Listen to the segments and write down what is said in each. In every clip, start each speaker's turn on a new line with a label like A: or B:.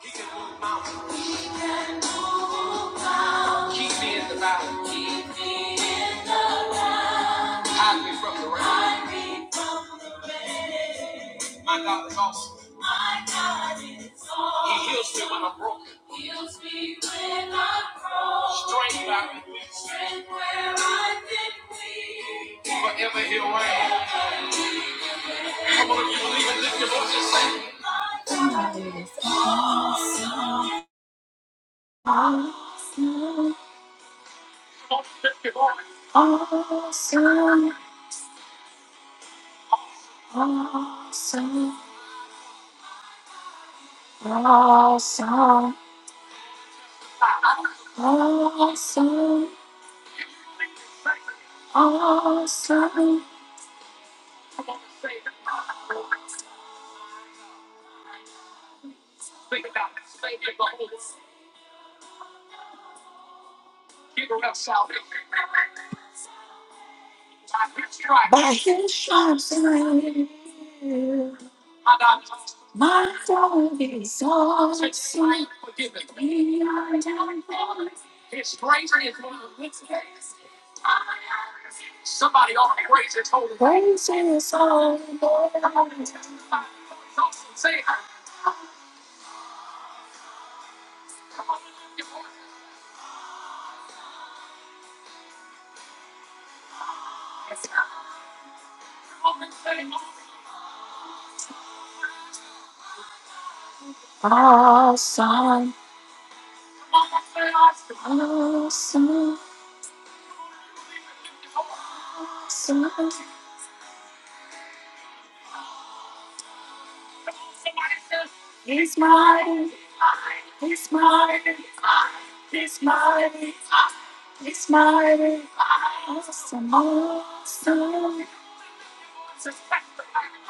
A: He can move mountains. Move mountains. Keep me in the valley. Keep me in the valley. Hide me from the rain. Hide me from the rain. My God is awesome. My God is awesome. He heals me when I'm broken. Heals me when I'm broken. Strength where I've been weak. Strength where I've been weak. Forever he'll reign. Awesome, awesome, awesome. Awesome, awesome, awesome. I hear sharps in my ear. My dog is awesome. My dog Praise is all Lord. Awesome, awesome, awesome. He's mighty. He's mighty. He's mighty. He's mighty. Awesome. Awesome.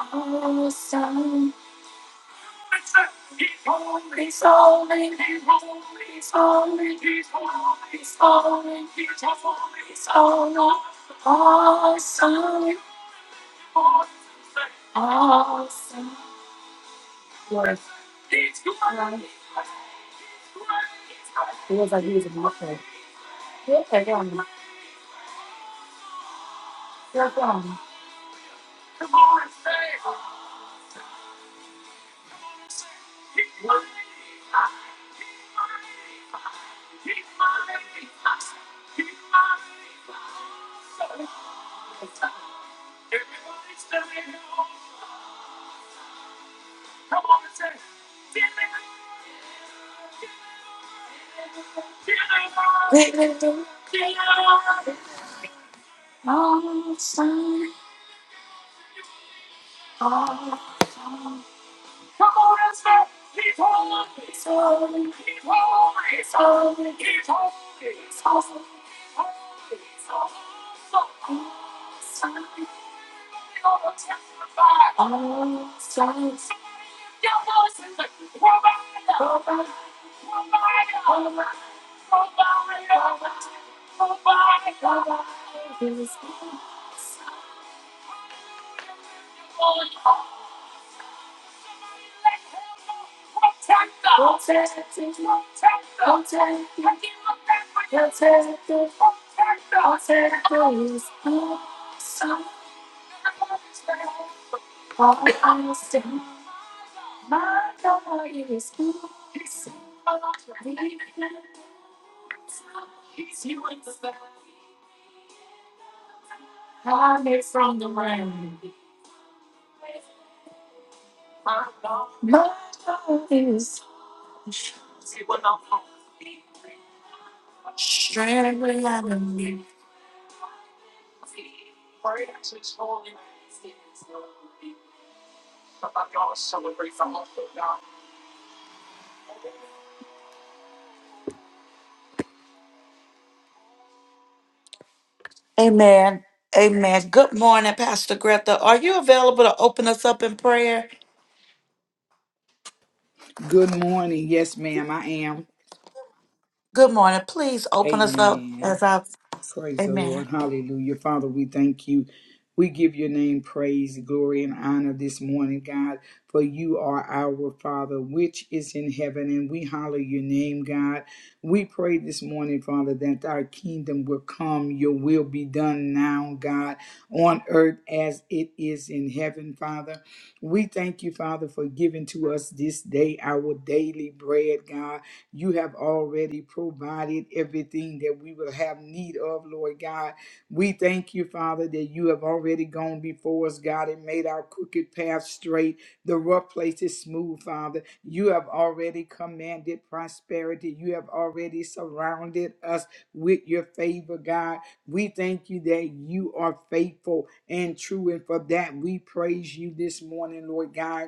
A: Awesome. Oh, He's holy. He's holy. He's holy. He's holy. Awesome. Awesome. Awesome. Awesome. Come on and say, He's holy, He's holy, He's holy, He's holy, He's holy, He's holy, He's holy, He's holy. Amen. Amen. Good morning, Pastor Greta. Are you available to open us up in prayer?
B: Good morning. Yes, ma'am, I am.
A: Good morning. Please open us up
B: Amen.
A: as I.
B: Praise the
A: Amen.
B: Lord. Hallelujah. Father, we thank you. We give your name praise, glory, and honor this morning, God, for you are our Father, which is in heaven, and we holler your name, God. We pray this morning, Father, that thy kingdom will come, your will be done now, God, on earth as it is in heaven, Father. We thank you, Father, for giving to us this day our daily bread, God. You have already provided everything that we will have need of, Lord God. We thank you, Father, that you have already gone before us, God, and made our crooked path straight, the rough places smooth, Father. You have already commanded prosperity. You have already surrounded us with your favor, God. We thank you that you are faithful and true. And for that, we praise you this morning, Lord God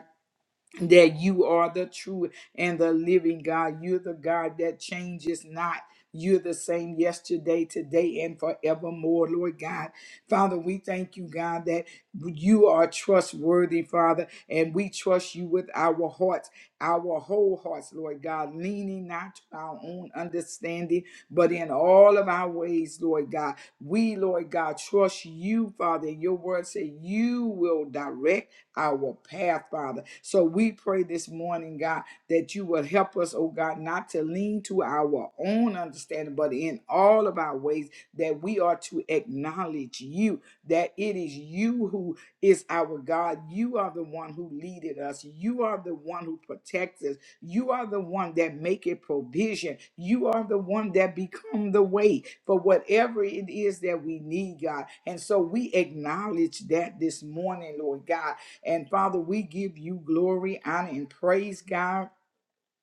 B: that you are the true and the living God. You're the God that changes not. You're the same yesterday, today, and forevermore, Lord God. Father, we thank you, God, that you are trustworthy, Father, and we trust you with our hearts, our whole hearts, Lord God, leaning not to our own understanding, but in all of our ways, Lord God. We, Lord God, trust you, Father. Your word say you will direct our path, Father. So we pray this morning, God, that you will help us, oh God, not to lean to our own understanding, but in all of our ways, that we are to acknowledge you, that it is you who is our God. You are the one who leaded us. You are the one who protects us. You are the one that make it provision. You are the one that become the way for whatever it is that we need, God. And so we acknowledge that this morning, Lord God and Father, we give you glory, honor, and praise, God.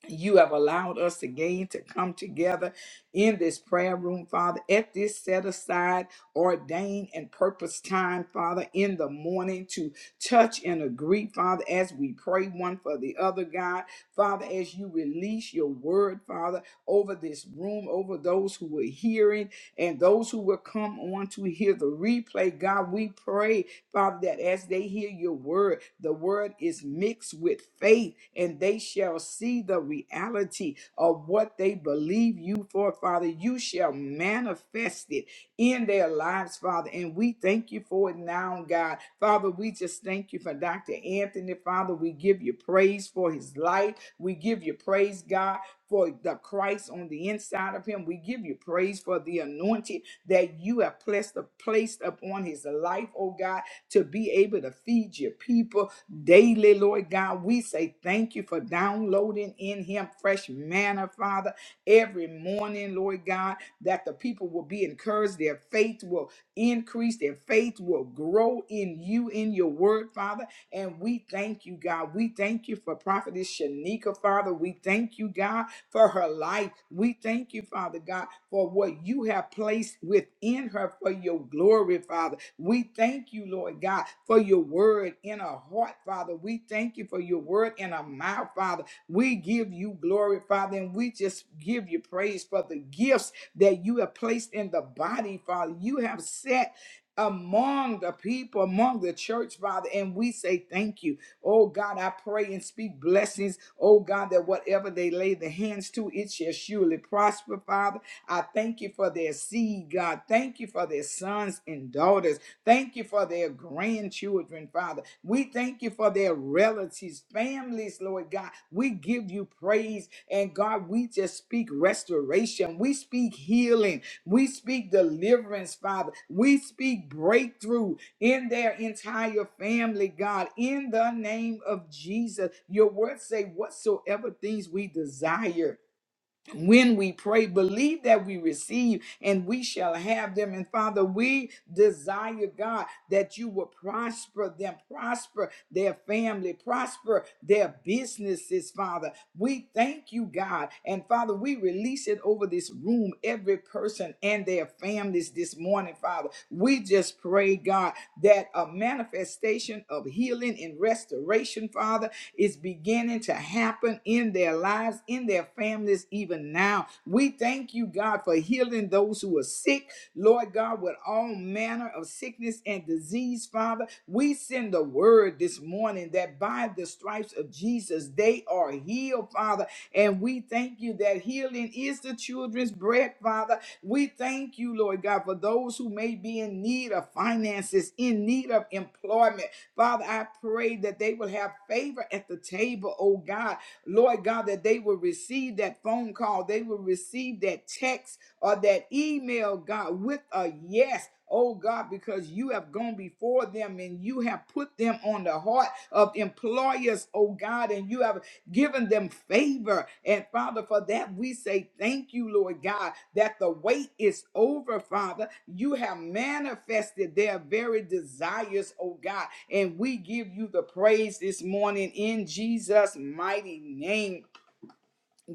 B: You have allowed us again to come together in this prayer room, Father, at this set aside, ordained, and purpose time, Father, in the morning to touch and agree, Father, as we pray one for the other, God. Father, as you release your word, Father, over this room, over those who were hearing and those who will come on to hear the replay, God, we pray Father, that as they hear your word, the word is mixed with faith, and they shall see the reality of what they believe you for, Father. You shall manifest it in their lives, Father. And we thank you for it now, God. Father, we just thank you for Dr. Anthony, Father. We give you praise for his life. We give you praise, God, for the Christ on the inside of him. We give you praise for the anointing that you have placed, placed upon his life, oh God to be able to feed your people daily, Lord God. We say thank you for downloading in him fresh manna, Father, every morning, Lord God, that the people will be encouraged, their faith will increase, their faith will grow in you, in your word, Father. And we thank you, God. We thank you for Prophetess Shanika, Father. We thank you, God, for her life. We thank you, Father God, for what you have placed within her for your glory, Father. We thank you, Lord God, for your word in our heart, Father. We thank you for your word in our mouth, Father. We give you glory, Father, and we just give you praise for the gifts that you have placed in the body, Father. You have set among the people, among the church, Father, and we say thank you. Oh God, I pray and speak blessings. Oh God, that whatever they lay their hands to, it shall surely prosper, Father. I thank you for their seed, God. Thank you for their sons and daughters. Thank you for their grandchildren, Father. We thank you for their relatives, families, Lord God. We give you praise. And God, we just speak restoration. We speak healing. We speak deliverance, Father. We speak breakthrough in their entire family, God, in the name of Jesus. Your words say, whatsoever things we desire when we pray, believe that we receive and we shall have them. And Father, we desire, God, that you will prosper them, prosper their family, prosper their businesses, Father. We thank you, God. And Father, we release it over this room, every person and their families this morning, Father. We just pray, God, that a manifestation of healing and restoration, Father is beginning to happen in their lives, in their families, even now. We thank you, God, for healing those who are sick, Lord God, with all manner of sickness and disease, Father. We send the word this morning that by the stripes of Jesus, they are healed, Father. And we thank you that healing is the children's bread, Father. We thank you, Lord God, for those who may be in need of finances, in need of employment. Father, I pray that they will have favor at the table, oh God. Lord God, that they will receive that phone call, they will receive that text or that email, God, with a yes. Oh God, because you have gone before them and you have put them on the heart of employers, oh God, and you have giving them favor. And Father, for that we say thank you, Lord God, that the wait is over, Father. You have manifested their very desires, oh God. And we give you the praise this morning in Jesus' mighty name.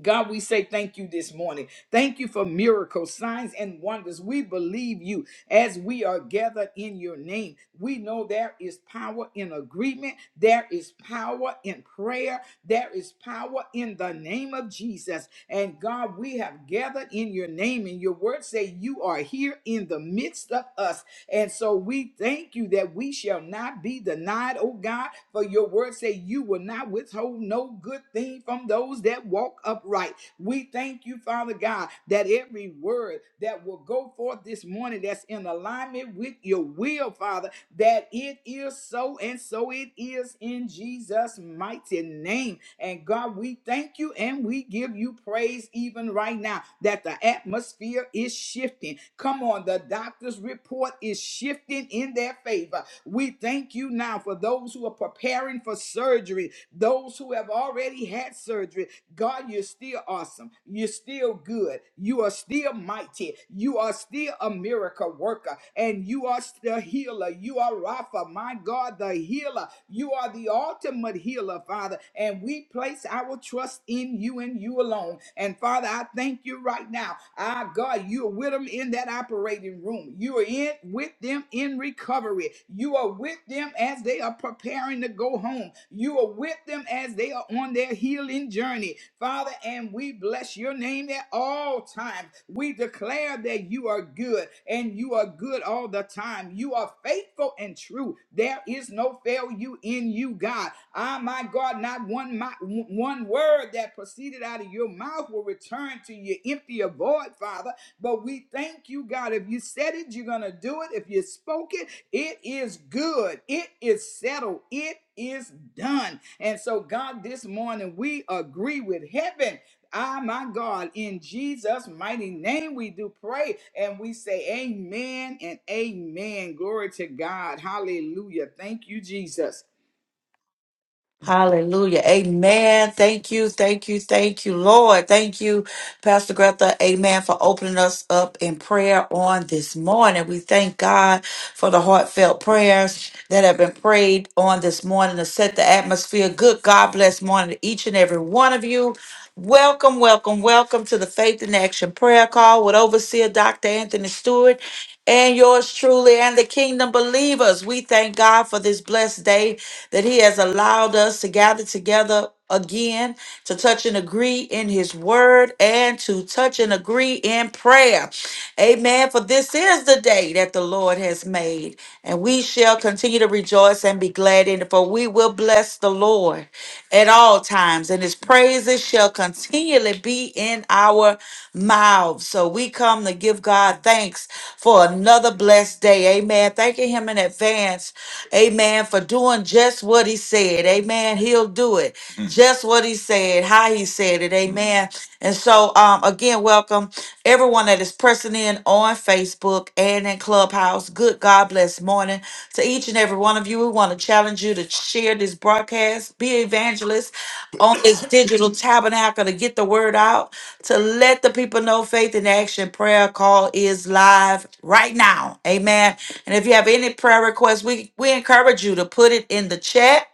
B: God, we say thank you this morning. Thank you for miracles, signs, and wonders. We believe you as we are gathered in your name. We know there is power in agreement, there is power in prayer, there is power in the name of Jesus. And God, we have gathered in your name, and your word say you are here in the midst of us. And so we thank you that we shall not be denied, oh God, for your word say you will not withhold no good thing from those that walk upright. We thank you, Father God, that every word that will go forth this morning that's in alignment with your will, Father, that it is so, and so it is in Jesus' mighty name. And God, we thank you and we give you praise even right now that the atmosphere is shifting. Come on, the doctor's report is shifting in their favor. We thank you now for those who are preparing for surgery, those who have already had surgery, God, you're still awesome. You're still good. You are still mighty. You are still a miracle worker. And you are still healer. You are Rapha, my God, the healer. You are the ultimate healer, Father. And we place our trust in you and you alone. And Father, I thank you right now. Our God, you are with them in that operating room. You are in with them in recovery. You are with with them as they are preparing to go home. You are with them as they are on their healing journey. Father, and we bless your name at all times. We declare that you are good and you are good all the time. You are faithful and true. There is no failure in you, God. Ah, my God, not one my, one word that proceeded out of your mouth will return to you empty or void, Father. But we thank you, God. If you said it, you're going to do it. If you spoke it, it is good. It is settled. It is done. And so, God, this morning we agree with heaven. Ah, my God, in Jesus' mighty name, we do pray and we say amen and amen. Glory to God. Hallelujah. Thank you, Jesus.
A: Hallelujah. Amen. Thank you. Thank you. Thank you, Lord. Thank you, Pastor Greta. Amen. For opening us up in prayer on this morning. We thank God for the heartfelt prayers that have been prayed on this morning to set the atmosphere. Good God bless morning to each and every one of you. Welcome, welcome, welcome to the Faith in Action Prayer Call with Overseer Dr. Anthony Stewart and yours truly and the kingdom believers. We thank God for this blessed day that He has allowed us to gather together again to touch and agree in His word and to touch and agree in prayer. Amen. For this is the day that the Lord has made, and we shall continue to rejoice and be glad in it, for we will bless the Lord at all times, and his praises shall continually be in our mouths. So we come to give God thanks for another blessed day. Amen. Thanking him in advance. Amen. For doing just what he said. Amen. He'll do it. Mm. Just what he said, how he said it. Mm. Amen. And so, um, again, welcome everyone that is pressing in on Facebook and in Clubhouse. Good God bless morning to each and every one of you. We want to challenge you to share this broadcast, be evangelist on this digital tabernacle to get the word out, to let the people know faith in action prayer call is live right now. Amen. And if you have any prayer requests, we, we encourage you to put it in the chat.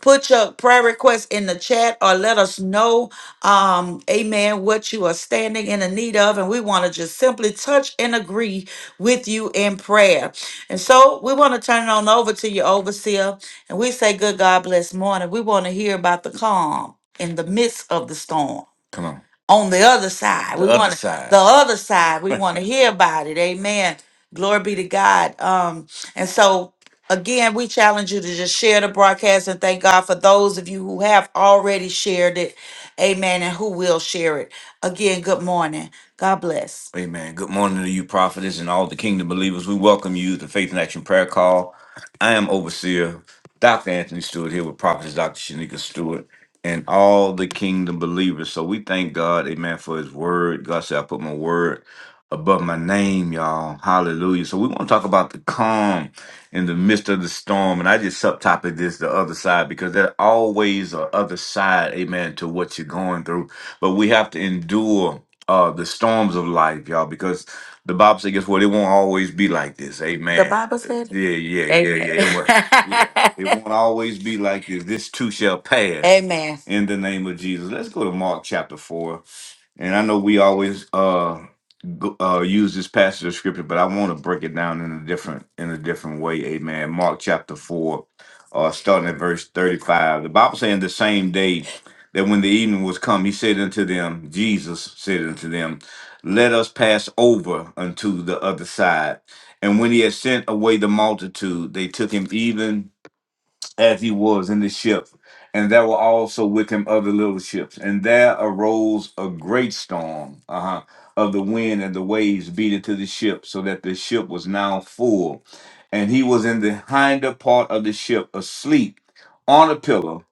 A: Put your prayer request in the chat or let us know, um, amen, what you are standing in the need of. And we want to just simply touch and agree with you in prayer. And so we want to turn it on over to your overseer and we say, Good God bless morning. We want to hear about the calm in the midst of the storm Come on. on the other side. The We other want to the other side. We want to hear about it. Amen. Glory be to God. Um, and so Again, we challenge you to just share the broadcast and thank God for those of you who have already shared it. Amen. And who will share it. Again, good morning. God bless. Amen. Good morning to you, prophetess, and all the kingdom believers. We welcome you to Faith and Action Prayer Call. I am overseer Dr. Anthony Stewart here with prophetess Dr. Shanika Stewart and all the kingdom believers. So we thank God, amen, for his word. God said, I put my word above my name, y'all. Hallelujah. So we want to talk about the calm in the midst of the storm. And I just subtopic this the other side because there always a other side, amen, to what you're going through. But we have to endure uh the storms of life, y'all, because the Bible says, guess what? It won't always be like this. The Amen. Bible said it. Yeah, yeah, yeah, yeah. It won't, yeah. It Amen. won't always be like this. This too shall pass Amen. in the name of Jesus. Let's go to Mark chapter 4. And I know we always uh, go, uh, use this passage of scripture, but I want to break it down in a different in a different way. Amen. Mark chapter four, uh, starting at verse thirty-five. The Bible saying the same day that when the evening was come, he said unto them, Jesus said unto them, Let us pass over unto the other side. And when he had sent away the multitude, they took him even as he was in the ship. And there were also with him other little ships. And there arose a great storm uh-huh, of the wind and the waves beat into the ship, so that the ship was now full. And he was in the hinder part of the ship, asleep on a pillow.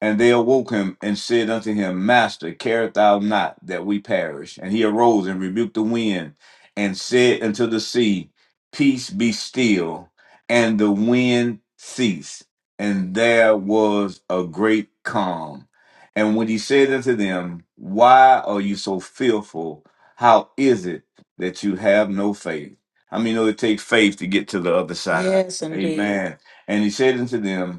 A: And they awoke him and said unto him, Master, carest thou not that we perish? And he arose and rebuked the wind and said unto the sea, Peace be still. And the wind ceased, and there was a great calm. And when he said unto them, Why are you so fearful? How is it that you have no faith? I mean, it takes faith to get to the other side. Yes, indeed. Amen. And he said unto them,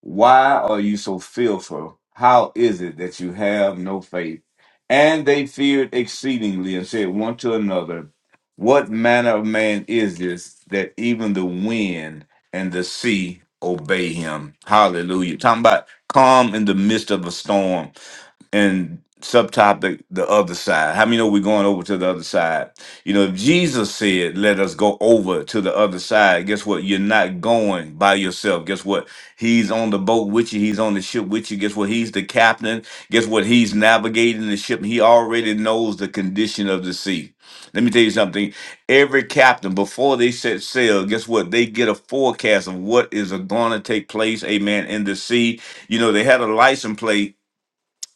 A: why are you so fearful? How is it that you have no faith? And they feared exceedingly and said one to another, What manner of man is this that even the wind and the sea obey him? Hallelujah. Talking about calm in the midst of a storm and subtopic the other side. How many know we're going over to the other side? You know, if Jesus said, "Let us go over to the other side," guess what? You're not going by yourself. Guess what? He's on the boat with you. He's on the ship with you. Guess what? He's the captain. Guess what? He's navigating the ship. He already knows the condition of the sea. Let me tell you something. Every captain, before they set sail, guess what? They get a forecast of what is going to take place, amen, in the sea. You know, they had a license plate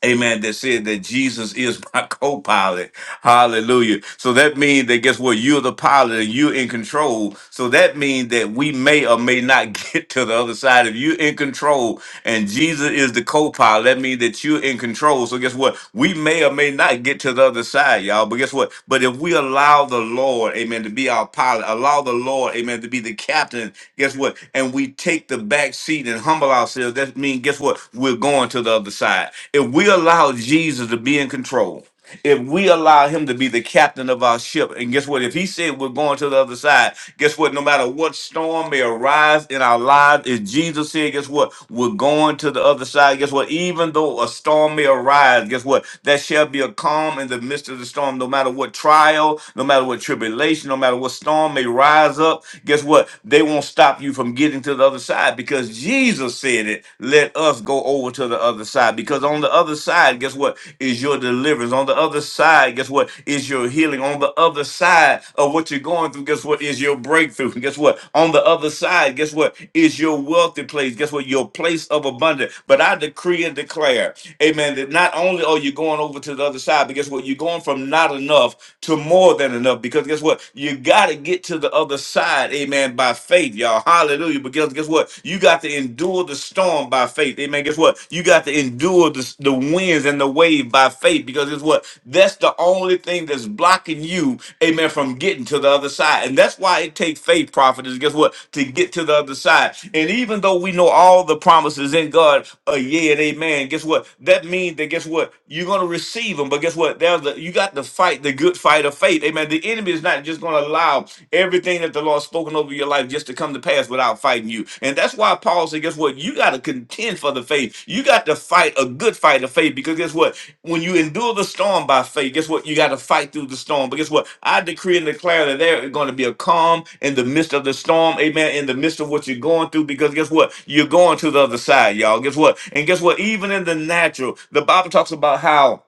A: Amen. That said that Jesus is my co-pilot. Hallelujah. So that means that guess what? You're the pilot and you're in control. So that means that we may or may not get to the other side. If you're in control and Jesus is the co-pilot, that means that you're in control. So guess what? We may or may not get to the other side, y'all. But guess what? But if we allow the Lord, amen, to be our pilot, allow the Lord, amen, to be the captain, guess what? And we take the back seat and humble ourselves just mean, guess what? We're going to the other side. If we allow Jesus to be in control, if we allow him to be the captain of our ship, and guess what? If he said we're going to the other side, guess what? No matter what storm may arise in our lives, if Jesus said, guess what? We're going to the other side. Guess what? Even though a storm may arise, guess what? There shall be a calm in the midst of the storm. No matter what trial, no matter what tribulation, no matter what storm may rise up, guess what? They won't stop you from from getting to the other side because Jesus said it. Let us go over to the other side because on the other side, guess what? Is your deliverance. On the other side, guess what? Is your healing. On the other side of what you're going through, guess what? Is your breakthrough. Guess what? On the other side, guess what? Is your wealthy place. Guess what? Your place of abundance. But I decree and declare, amen, that not only are you going over to the other side, but guess what? You're going from not enough to more than enough because guess what? You got to get to to the other side, amen, by faith, y'all. Hallelujah. But guess, guess what? You got to endure the storm by faith. Amen. Guess what? You got to endure the, the winds and the wave by faith because guess what? That's the only thing that's blocking you, amen, from getting to the other side. And that's why it takes faith, prophet, is guess what? To get to the other side. And even though we know all the promises in God are yea and amen, guess what? That means that guess what? You're gonna receive them, but guess what? There's the, you got to fight the good fight fight of faith. Amen. The enemy is not just going to allow everything that the Lord's spoken over your life just to come to pass without fighting you. And that's why Paul said, guess what? You got to contend for the faith. You got to fight a good fight of faith because guess what? When you endure the storm by faith, guess what? You got to fight through the storm. But guess what? I decree and declare that there is going to be a calm in the midst of the storm. Amen. In the midst of what you're going through because guess what? You're going to the other side, y'all. Guess what? And guess what? Even in the natural, the Bible talks about how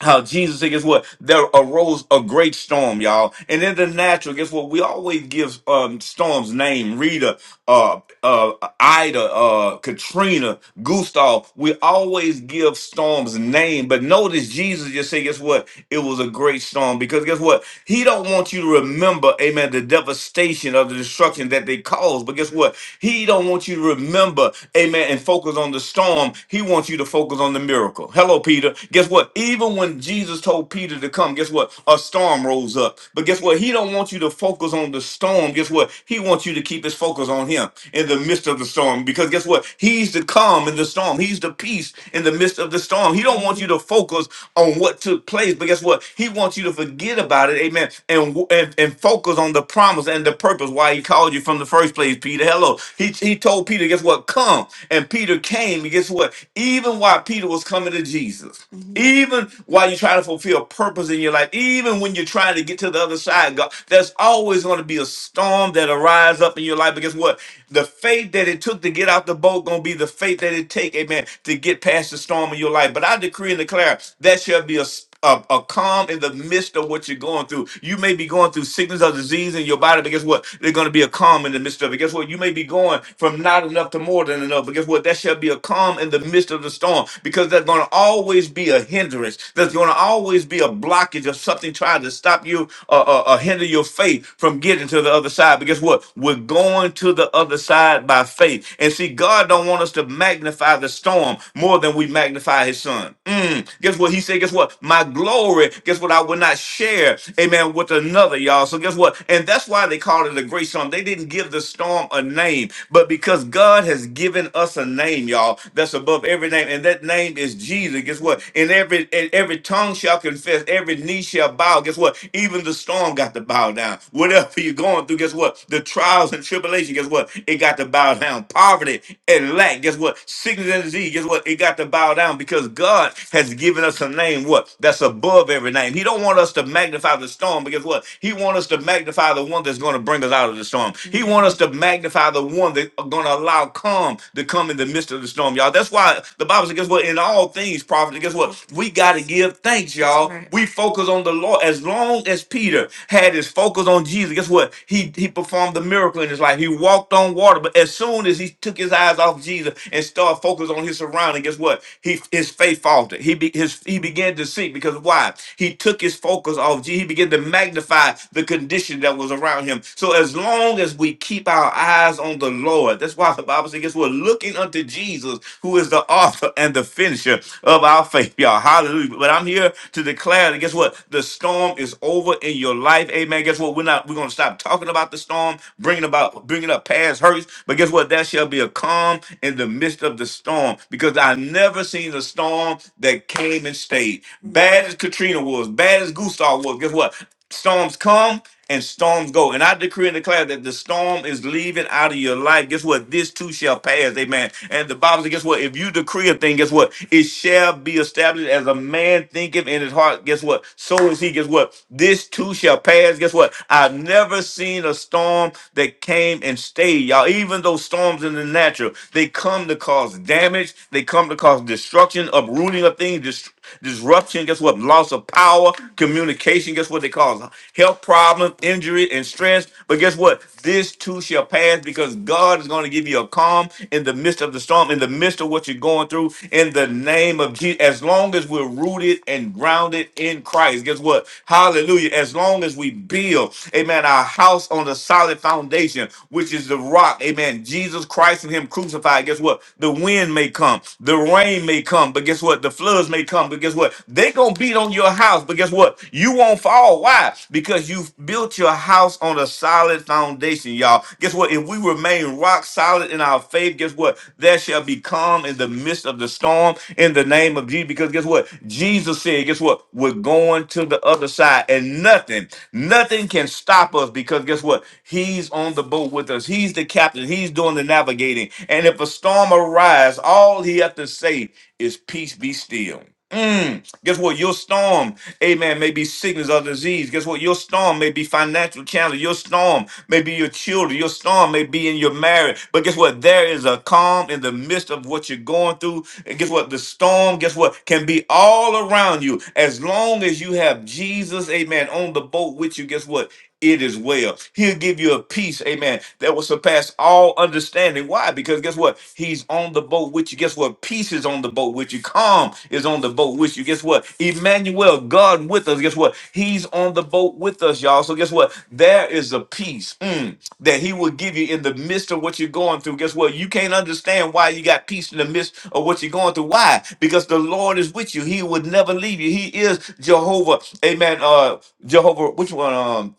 A: how Jesus said, guess what? There arose a great storm, y'all. And in the natural, guess what? We always give um, storms name, Rita, uh, uh, Ida, uh, Katrina, Gustav. We always give storms name. But notice Jesus just said, guess what? It was a great storm because guess what? He don't want you to remember, amen, the devastation of the destruction that they caused. But guess what? He don't want you to remember, amen, and focus on the storm. He wants you to focus on the miracle miracle. Hello, Peter. Guess what? Even when Jesus told Peter to come, guess what? A storm rose up. But guess what? He don't want you to focus on the storm. Guess what? He wants you to keep his focus on him in the midst of the storm. Because guess what? He's the calm in the storm. He's the peace in the midst of the storm. He don't want you to focus on what took place. But guess what? He wants you to forget about it. Amen. And and, and focus on the promise and the purpose why he called you from the first place, Peter. Hello. He, he told Peter, guess what? Come. And Peter came came, and guess what? Even while Peter was coming to Jesus, Mhm. even while you're trying to fulfill purpose in your life, even when you're trying to get to the other side, God, there's always going to be a storm that arise up in your life. But guess what? The faith that it took to get out the boat going to be the faith that it take, amen, to get past the storm in your life. But I decree and declare that shall be a a, a calm in the midst of what you're going through. You may be going through sickness or disease in your body, but guess what? There's going to be a calm in the midst of it. Guess what? You may be going from not enough to more than enough, but guess what? That shall be a calm in the midst of the storm because there's going to always be a hindrance. There's going to always be a blockage of something trying to stop you or, or, or hinder your faith from getting to the other side. But guess what? We're going to the other side by faith. And see, God don't want us to magnify the storm more than we magnify his son. Mm. Guess what? He said, guess what? My glory, guess what? I will not share, amen, with another, y'all. So guess what? And that's why they called it a great storm. They didn't give the storm a name, but because God has given us a name, y'all, that's above every name. And that name is Jesus. Guess what? And every and every tongue shall confess, every knee shall bow. Guess what? Even the storm got to bow down. Whatever you're going through, guess what? The trials and tribulation, guess what? It got to bow down. Poverty and lack, guess what? Sickness and disease, guess what? It got to bow down because God has given us a name, what? That's above every name. He don't want us to magnify the storm because what? He want us to magnify the one that's going to bring us out of the storm. He want us to magnify the one that's going to allow calm to come in the midst of the storm, y'all. That's why the Bible says, guess what? In all things, prophet, guess what? We got to give thanks, That's y'all. That's right. We focus on the Lord. As long as Peter had his focus on Jesus, guess what? He he performed the miracle in his life. He walked on water, but as soon as he took his eyes off Jesus and started focusing on his surroundings, around, and guess what? He his faith faltered. He be, his he began to sink because why? He took his focus off. He began to magnify the condition that was around him. So as long as we keep our eyes on the Lord, that's why the Bible says, guess what? Looking unto Jesus, who is the author and the finisher of our faith, y'all. Hallelujah. But I'm here to declare that guess what? The storm is over in your life. Amen. Guess what? We're not we're gonna stop talking about the storm, bringing about bringing up past hurts. But guess what? That shall be a calm in the midst midst of the storm because I never seen a storm that came and stayed. Bad as Katrina was, bad as Gustav was. Guess what? Storms come and storms go. And I decree and declare that the storm is leaving out of your life. Guess what? This too shall pass. Amen. And the Bible says, guess what? If you decree a thing, guess what? It shall be established as a man thinketh in his heart. Guess what? So is he. Guess what? This too shall pass. Guess what? I've never seen a storm that came and stayed. Y'all, even though storms in the the natural. They come to cause damage. They come to cause destruction, uprooting of things, dis- disruption. Guess what? Loss of power, communication. Guess what they cause? Health problems, injury, and stress. But guess what? This too shall pass because God is going to give you a calm in the midst of the storm, in the midst of what you're going through, in the name of Jesus. As long as we're rooted and grounded in Christ, guess what? Hallelujah. As long as we build, amen, our house on a solid foundation, which is the rock rock. Amen. Jesus Christ and Him crucified. Guess what? The wind may come, the rain may come, but guess what? The floods may come, but guess what? They gonna beat on your house, but guess what? You won't fall. Why? Because you've built your house on a solid foundation, y'all. Guess what? If we remain rock solid in our faith, guess what? There shall be calm in the midst of the storm in the name of Jesus. Because guess what? Jesus said, guess what? We're going to the other side, and nothing, nothing can stop us because guess what? He's on the on the boat with us. He's the captain. He's doing the navigating. And if a storm arises, all he has to say is peace be still. Mm. Guess what? Your storm, amen, may be sickness or disease. Guess what? Your storm may be financial challenge. Your storm may be your children. Your storm may be in your marriage. But guess what? There is a calm in the midst of what you're going through. And guess what? The storm, guess what? Can be all around you. As long as you have Jesus, amen, on the boat with you, guess what? it is well. He'll give you a peace, amen, that will surpass all understanding. Why? Because guess what? He's on the boat with you. Guess what? Peace is on the boat with you. Calm is on the boat with you. Guess what? Emmanuel, God with us. Guess what? He's on the boat with us, y'all. So guess what? There is a peace mm, that he will give you in the midst of what you're going through. Guess what? You can't understand why you got peace in the midst of what you're going through. Why? Because the Lord is with you. He would never leave you. He is Jehovah. Amen. Uh Jehovah, which one? Um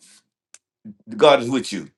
A: God is with you.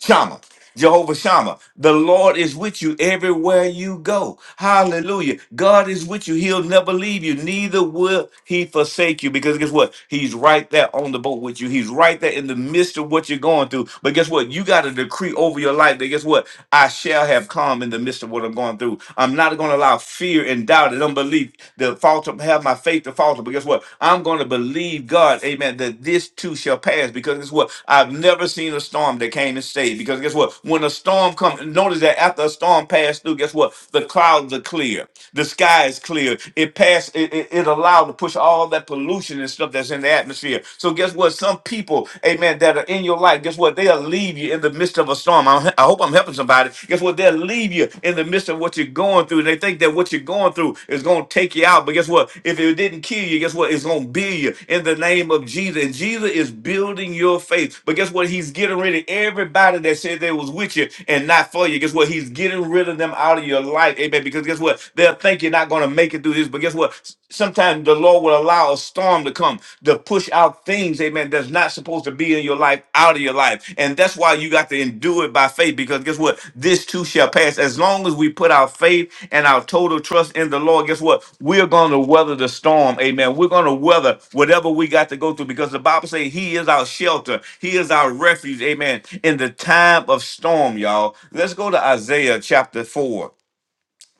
A: Shammah, Jehovah Shammah. The Lord is with you everywhere you go. Hallelujah. God is with you. He'll never leave you. Neither will he forsake you. Because guess what? He's right there on the boat with you. He's right there in the midst of what you're going through. But guess what? You got a decree over your life that guess what? I shall have come in the midst of what I'm going through. I'm not going to allow fear and doubt and unbelief to falter, have my faith to falter altar. But guess what? I'm going to believe God, amen, that this too shall pass. Because guess what? I've never seen a storm that came and stayed. Because guess what? When a storm comes, notice that after a storm passed through, guess what? The clouds are clear. The sky is clear. It passed, it, it, it allowed to push all that pollution and stuff that's in the atmosphere. So guess what? Some people, amen, that are in your life, guess what? They'll leave you in the midst of a storm. I I hope I'm helping somebody God, guess what? They'll leave you in the midst of what you're going through. They think that what you're going through is going to take you out. But guess what? If it didn't kill you, guess what? It's going to build you in the name of Jesus. And Jesus is building your faith. But guess what? He's getting rid of everybody that said they was with you and not for you. Guess what? He's getting rid of them out of your life. Amen. Because guess what? They'll think you're not going to make it through this. But guess what? Sometimes the Lord will allow a storm to come to to push out things, amen, that's not supposed to be in your life out of your life. And that's why you got to endure it by faith because guess what? This too shall pass. As long as we put our faith and our total trust in the Lord, guess what? We're going to weather the storm, amen. We're going to weather whatever we got to go through because the Bible says He is our shelter, He is our refuge, amen, in the time of storm, y'all. Let's go to Isaiah chapter 4.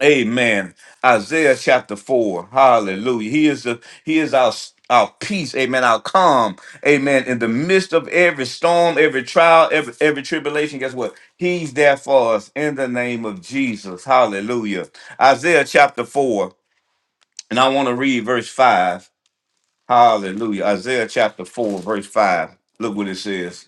A: Amen. Isaiah chapter 4. Hallelujah. He is the he is our our peace, amen, our calm, amen. In the midst of every storm, every trial, every every tribulation, guess what? He's there for us in the name of Jesus. Hallelujah. Isaiah chapter 4, and I want to read verse 5. Hallelujah. Isaiah chapter 4, verse 5. Look what it says.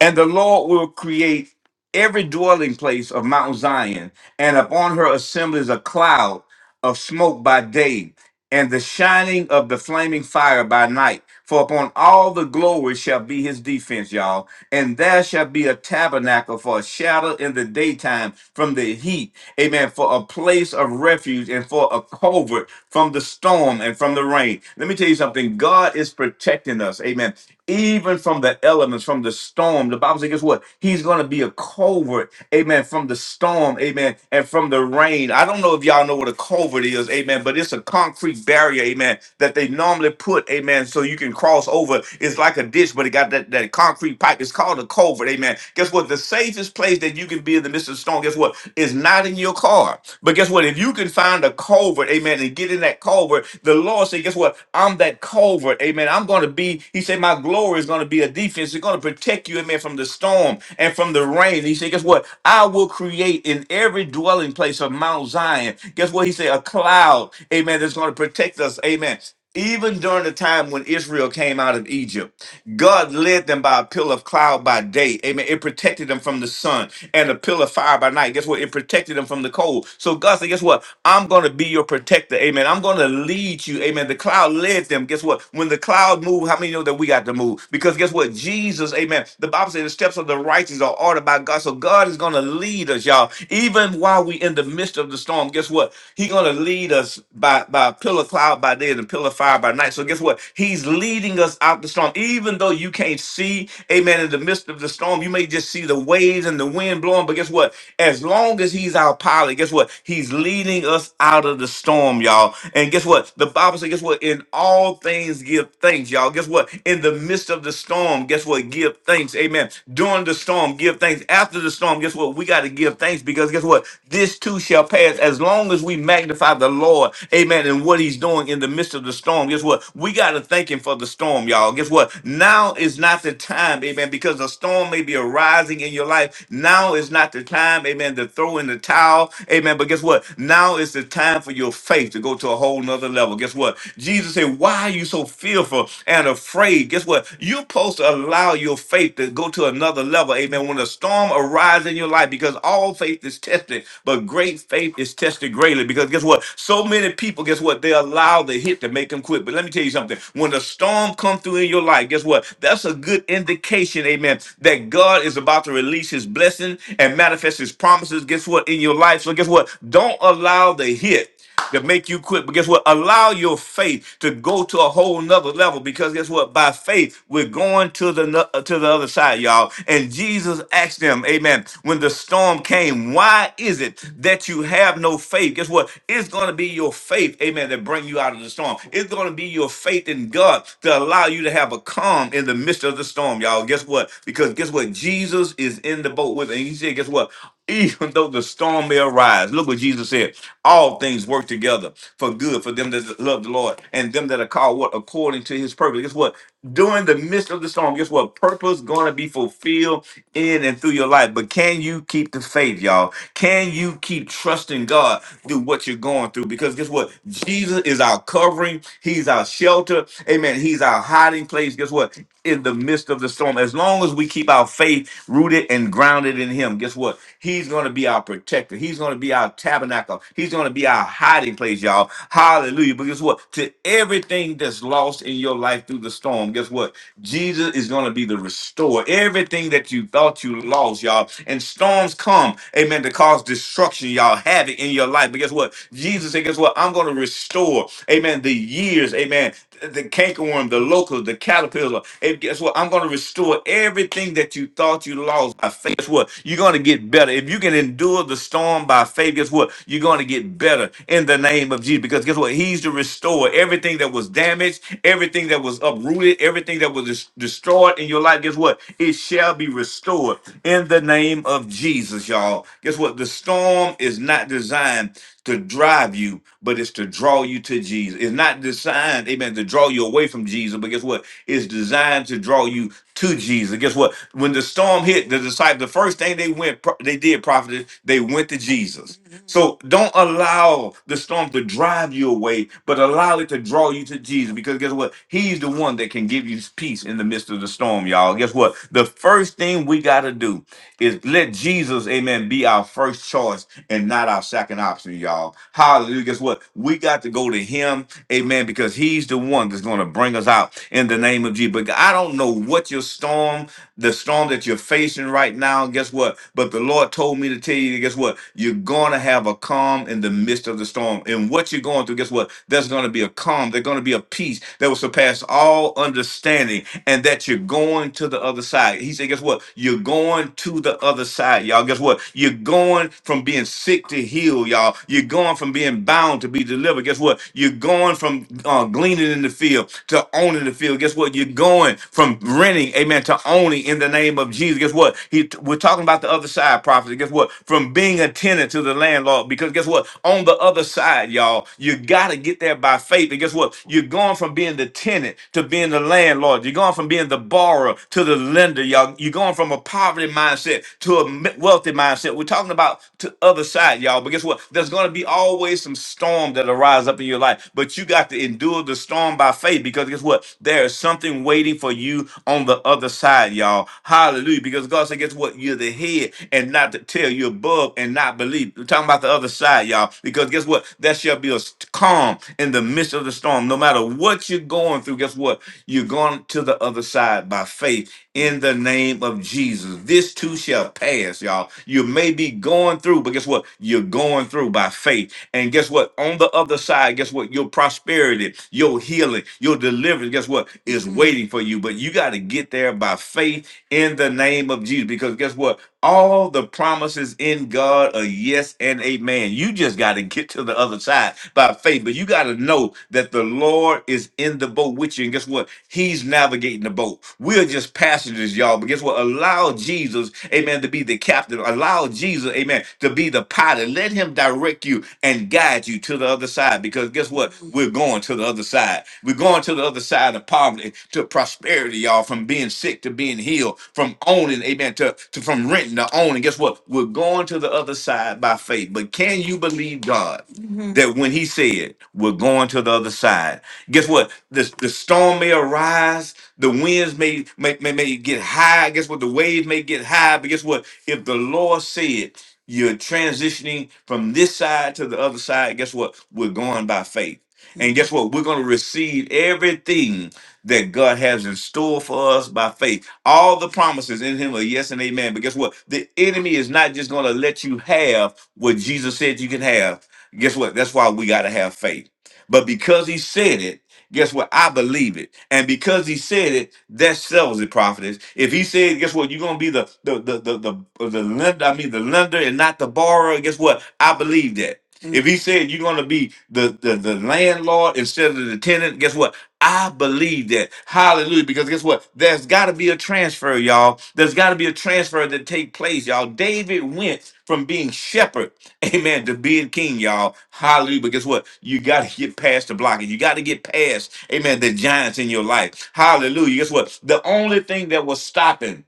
A: And the Lord will create every dwelling place of Mount Zion, and upon her assemblies a cloud of smoke by day, and the shining of the flaming fire by night. For upon all the glory shall be his defense, y'all. And there shall be a tabernacle for a shadow in the daytime from the heat. Amen. For a place of refuge and for a covert from the storm and from the rain. Let me tell you something. God is protecting us. Amen even from the elements, from the storm. The Bible says, guess what? He's going to be a covert, amen, from the storm, amen, and from the rain. I don't know if y'all know what a covert is, amen, but it's a concrete barrier, amen, that they normally put, amen, so you can cross over. It's like a ditch, but it got that, that concrete pipe. It's called a covert, amen. Guess what? The safest place that you can be in the midst of the storm, guess what? Is not in your car. But guess what? If you can find a covert, amen, and get in that covert, the Lord said, guess what? I'm that covert, amen. I'm I'm going to be, he said, my glory is going to be a defense. It's going to protect you, amen, from the storm and from the rain. He said, guess what? I will create in every dwelling place of Mount Zion. Guess what? He said, a cloud, amen, that's going to protect us, amen. Even during the time when Israel came out of Egypt, God led them by a pillar of cloud by day. Amen. It protected them from the sun and a pillar of fire by night. Guess what? It protected them from the cold. So God said, Guess what? I'm going to be your protector. Amen. I'm going to lead you. Amen. The cloud led them. Guess what? When the cloud move, how many know that we got to move? Because guess what? Jesus, amen. The Bible says the steps of the righteous are ordered by God. So God is going to lead us, y'all. Even while we in the midst of the storm, guess what? He's going to lead us by, by a pillar of cloud by day and a pillar of fire by night. So guess what? He's leading us out the storm. Even though you can't see, amen, in the midst of the storm, you may just see the waves and the wind blowing. But guess what? As long as he's our pilot, guess what? He's leading us out of the storm, y'all. And guess what? The Bible Bible says, guess what? In all things give thanks, y'all. Guess what? In the midst of the storm, guess what? Give thanks. Amen. During the storm, give thanks. After the storm, guess what? We got to give thanks because guess what? This too shall pass. As long as we magnify the Lord, amen, and what he's doing in the midst of the storm, guess what? We got to thank him for the storm, y'all. Guess what? Now is not the time, amen, because a storm may be arising in your life. Now is not the time, amen, to throw in the towel, amen. But guess what? Now is the time for your faith to to go to a whole nother level. Guess what? Jesus said, Why are you so fearful and afraid? Guess what? You're supposed to allow your faith to go to another level. Amen. When a storm arises in your life, because all faith is tested, but great faith is tested greatly. Because guess what? So many people, guess what? They allow the hit to make them quit. But let me tell you something. When the storm comes through in your life, guess what? That's a good indication, amen, that God is about to release his blessing and manifest his promises. Guess what? In your life. So guess what? Don't allow the hit to make you quit. But guess what? Allow your faith to go to a whole nother level because guess what? By faith, we're going to the no- uh, to the other side, y'all. And Jesus asked them, Amen. When the storm came, why is it that you have no faith? Guess what? It's going to be your faith, Amen, that bring you out of the storm. It's going to be your faith in God to allow you to have a calm in the midst of the storm, y'all. Guess what? Because guess what? Jesus is in the boat with, and he said, guess what? Even though the storm may arise, look what Jesus said, all things work together for good for them that love the Lord and them that are called what according to his purpose. Guess what? During the midst of the storm, guess what? Purpose gonna be fulfilled in and through your life. But can you keep the faith, y'all? Can you keep trusting God through what you're going through? Because guess what? Jesus is our covering, He's our shelter, amen. He's our hiding place. Guess what? in the midst of the storm. As long as we keep our faith rooted and grounded in Him, guess what? He's going to be our protector. He's going to be our tabernacle. He's going to be our hiding place, y'all. Hallelujah. But guess what? To everything that's lost in your life through the storm, guess what? Jesus is going to be the restorer. Everything that you thought you lost, y'all. And storms come, amen, to cause destruction, y'all, havoc in your life. But guess what? Jesus said, guess what? I'm going to restore, amen, the years, amen, the cankerworm, the locust, the caterpillar caterpillar. And guess what? I'm going to restore everything that you thought you lost by faith. Guess what? You're going to get better. If you can endure the storm by faith, guess what? You're going to get better in the name of Jesus. Because guess what? He's the restorer. Everything that was damaged, everything that was uprooted, everything that was des- destroyed in your life, guess what? It shall be restored in the name of Jesus, y'all. Guess what? The storm is not designed to drive you, but it's to draw you to Jesus. It's not designed, amen, to draw you away from Jesus, but guess what? what? It's designed to draw you to Jesus. Guess what? When the storm hit, the disciples, the first thing they went, they did, prophet, they went to Jesus. So don't allow the storm to drive you away, but allow it to draw you to Jesus. Because guess what? He's the one that can give you peace in the midst of the storm, y'all. Guess what? The first thing we got to do is let Jesus, amen, be our first choice and not our second option, y'all. Hallelujah. Guess what? We got to go to him, amen, because he's the one that's going to bring us us out in the name of Jesus. But I don't know what your storm, the storm that you're facing right now, guess what? But the Lord told me to tell you, guess what? You're going to have a calm in the midst of the storm. And what you're going through, guess what? There's going to be a calm. There's going to be a peace that will surpass all understanding and that you're going to the other side. He said, guess what? You're going to the other side, y'all. Guess what? You're going from being sick to heal, y'all. You're going from being bound to be delivered. Guess what? You're going from uh, gleaning in the field field to owning the field. Guess what? You're going from renting, amen, to owning in the name of Jesus. Guess what? He, we're talking about the other side, prophecy. Guess what? From being a tenant to the landlord. Because guess what? On the other side, y'all, you got to get there by faith. And guess what? You're going from being the tenant to being the landlord. You're going from being the borrower to the lender, y'all. You're going from a poverty mindset to a m- wealthy mindset. We're talking about the other side, y'all. But guess what? There's going to be always some storm that arise up in your life, but you got to endure the storm on by faith because guess what? There is something waiting for you on the other side, y'all. Hallelujah. Because God said, guess what? You're the head and not the tail. You're above and not believe. We're talking about the other side, y'all. Because guess what? There shall be a st- calm in the midst of the storm. No matter what you're going through, guess what? You're going to the other side by faith in the name of Jesus. This too shall pass, y'all. You may be going through, but guess what? You're going through by faith. And guess what? On the other side, guess what? Your prosperity your healing, your deliverance, guess what? Is waiting for you. But you got to get there by faith in the name of Jesus. Because guess what? All the promises in God are yes and amen. You just got to get to the other side by faith. But you got to know that the Lord is in the boat with you. And guess what? He's navigating the boat. We're just passengers, y'all. But guess what? Allow Jesus, amen, to be the captain. Allow Jesus, amen, to be the pilot. Let him direct you and guide you to the other side. Because guess what? We're going going to the other side. We're going to the other side of poverty to prosperity, y'all, from being sick to being healed, from owning, amen, to, to from renting to owning. Guess what? We're going to the other side by faith. But can you believe God Mhm. that when He said, we're going to the other side, guess what? The, the storm may arise, the winds may, may, may, may get high. Guess what? The waves may get high. But guess what? If the Lord said, you're transitioning from this side to the other side, guess what? We're going by faith. And guess what? We're going to receive everything that God has in store for us by faith. All the promises in Him are yes and amen. But guess what? The enemy is not just going to let you have what Jesus said you can have. Guess what? That's why we got to have faith. But because He said it, Guess what? I believe it. And because he said it, that settles it, prophetess. If he said, guess what, you're gonna be the the the the the, the lender, I mean the lender and not the borrower, guess what? I believe that. If he said you're gonna be the, the the landlord instead of the tenant, guess what? I believe that. Hallelujah. Because guess what? There's got to be a transfer, y'all. There's got to be a transfer that take place, y'all. David went from being shepherd, amen, to being king, y'all. Hallelujah. But guess what? You got to get past the blocking. You got to get past, amen, the giants in your life. Hallelujah. Guess what? The only thing that was stopping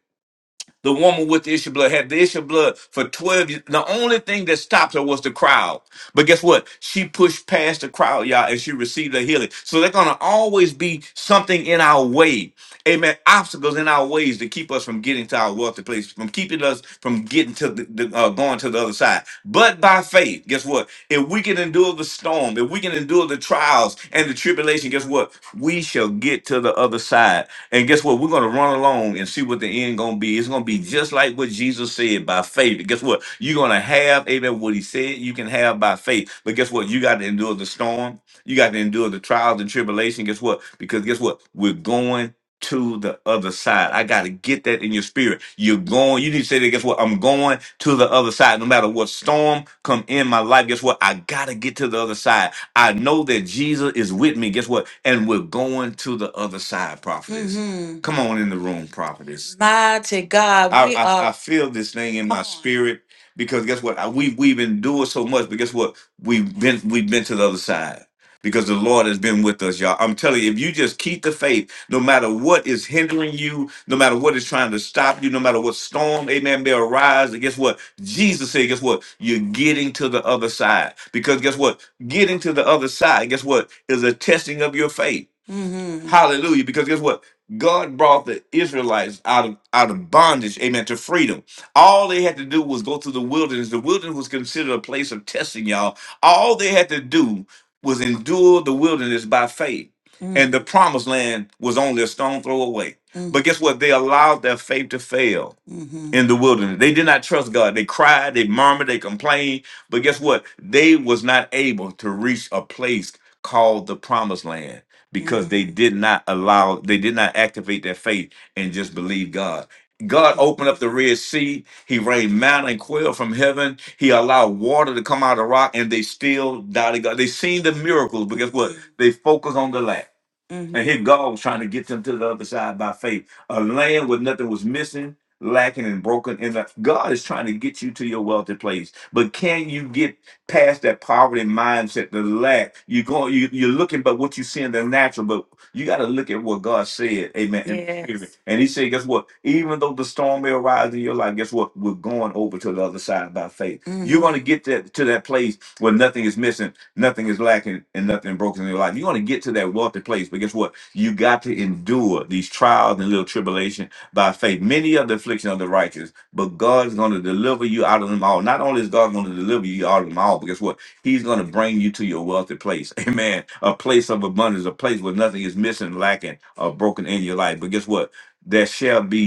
A: the woman with the issue of blood had the issue of blood for 12 years. The only thing that stopped her was the crowd. But guess what? She pushed past the crowd, y'all, and she received a healing. So there's going to always be something in our way. Amen. Obstacles in our ways to keep us from getting to our wealthy place, from keeping us from getting to the, the, uh, going to the other side. But by faith, guess what? If we can endure the storm, if we can endure the trials and the tribulation, guess what? We shall get to the other side. And guess what? We're going to run along and see what the end going to be. It's going to be just like what Jesus said by faith. guess what? You're going to have, amen, what he said you can have by faith. But guess what? You got to endure the storm. You got to endure the trials and tribulation. Guess what? Because guess what? We're going to the other side. I got to get that in your spirit. You're going, you need to say that, guess what? I'm going to the other side. No matter what storm come in my life, guess what? I got to get to the other side. I know that Jesus is with me. Guess what? And we're going to the other side, prophetess. hmm Come on in the room, prophetess. Mighty God, I, we I, are I are feel this thing in my on. spirit because guess what? I, we, we've been doing so much, but guess what? We've been, we've been to the other side because the Lord has been with us, y'all. I'm telling you, if you just keep the faith, no matter what is hindering you, no matter what is trying to stop you, no matter what storm, amen, may arise. And guess what? Jesus said, guess what? You're getting to the other side. Because guess what? Getting to the other side, guess what? Is a testing of your faith. Mm-hmm. Hallelujah. Because guess what? God brought the Israelites out of out of bondage, amen, to freedom. All they had to do was go through the wilderness. The wilderness was considered a place of testing, y'all. All they had to do was endure the wilderness by faith. Mm. and the promised land was only a stone throw away. Mm. But guess what? They allowed their faith to fail hmm in the wilderness. They did not trust God. They cried, they murmured, they complained. But guess what? They was not able to reach a place called the promised land because Mhm. they did not allow, they did not activate their faith and just believe God. God opened up the Red Sea. He rained manna and quail from heaven. He allowed water to come out of the rock, and they still doubted God. They seen the miracles, but guess what? They focused on the lack. And here God was trying to get them to the other side by faith. A land where nothing was missing, lacking, and broken. And that- God is trying to get you to your wealthy place. But can you get past that poverty mindset, the lack? You're going, you, you're looking but what you see in the natural, but you got to look at what God said. Amen. in the spirit. Yes. And he said, guess what? Even though the storm may arise in your life, guess what? We're going over to the other side by faith. You're hmm going to Mhm. get that to that place where nothing is missing Nothing is lacking and nothing broken in your life. you want to get to that wealthy place, but guess what? You got to endure these trials and little tribulation by faith. Many are the affliction of the righteous, but God's going to deliver you out of them all. Not only is God going to deliver you out of them all, but guess what? He's going to bring you to your wealthy place. Amen. A place of abundance, a place where nothing is missing, lacking, or broken in your life. But guess what? There shall be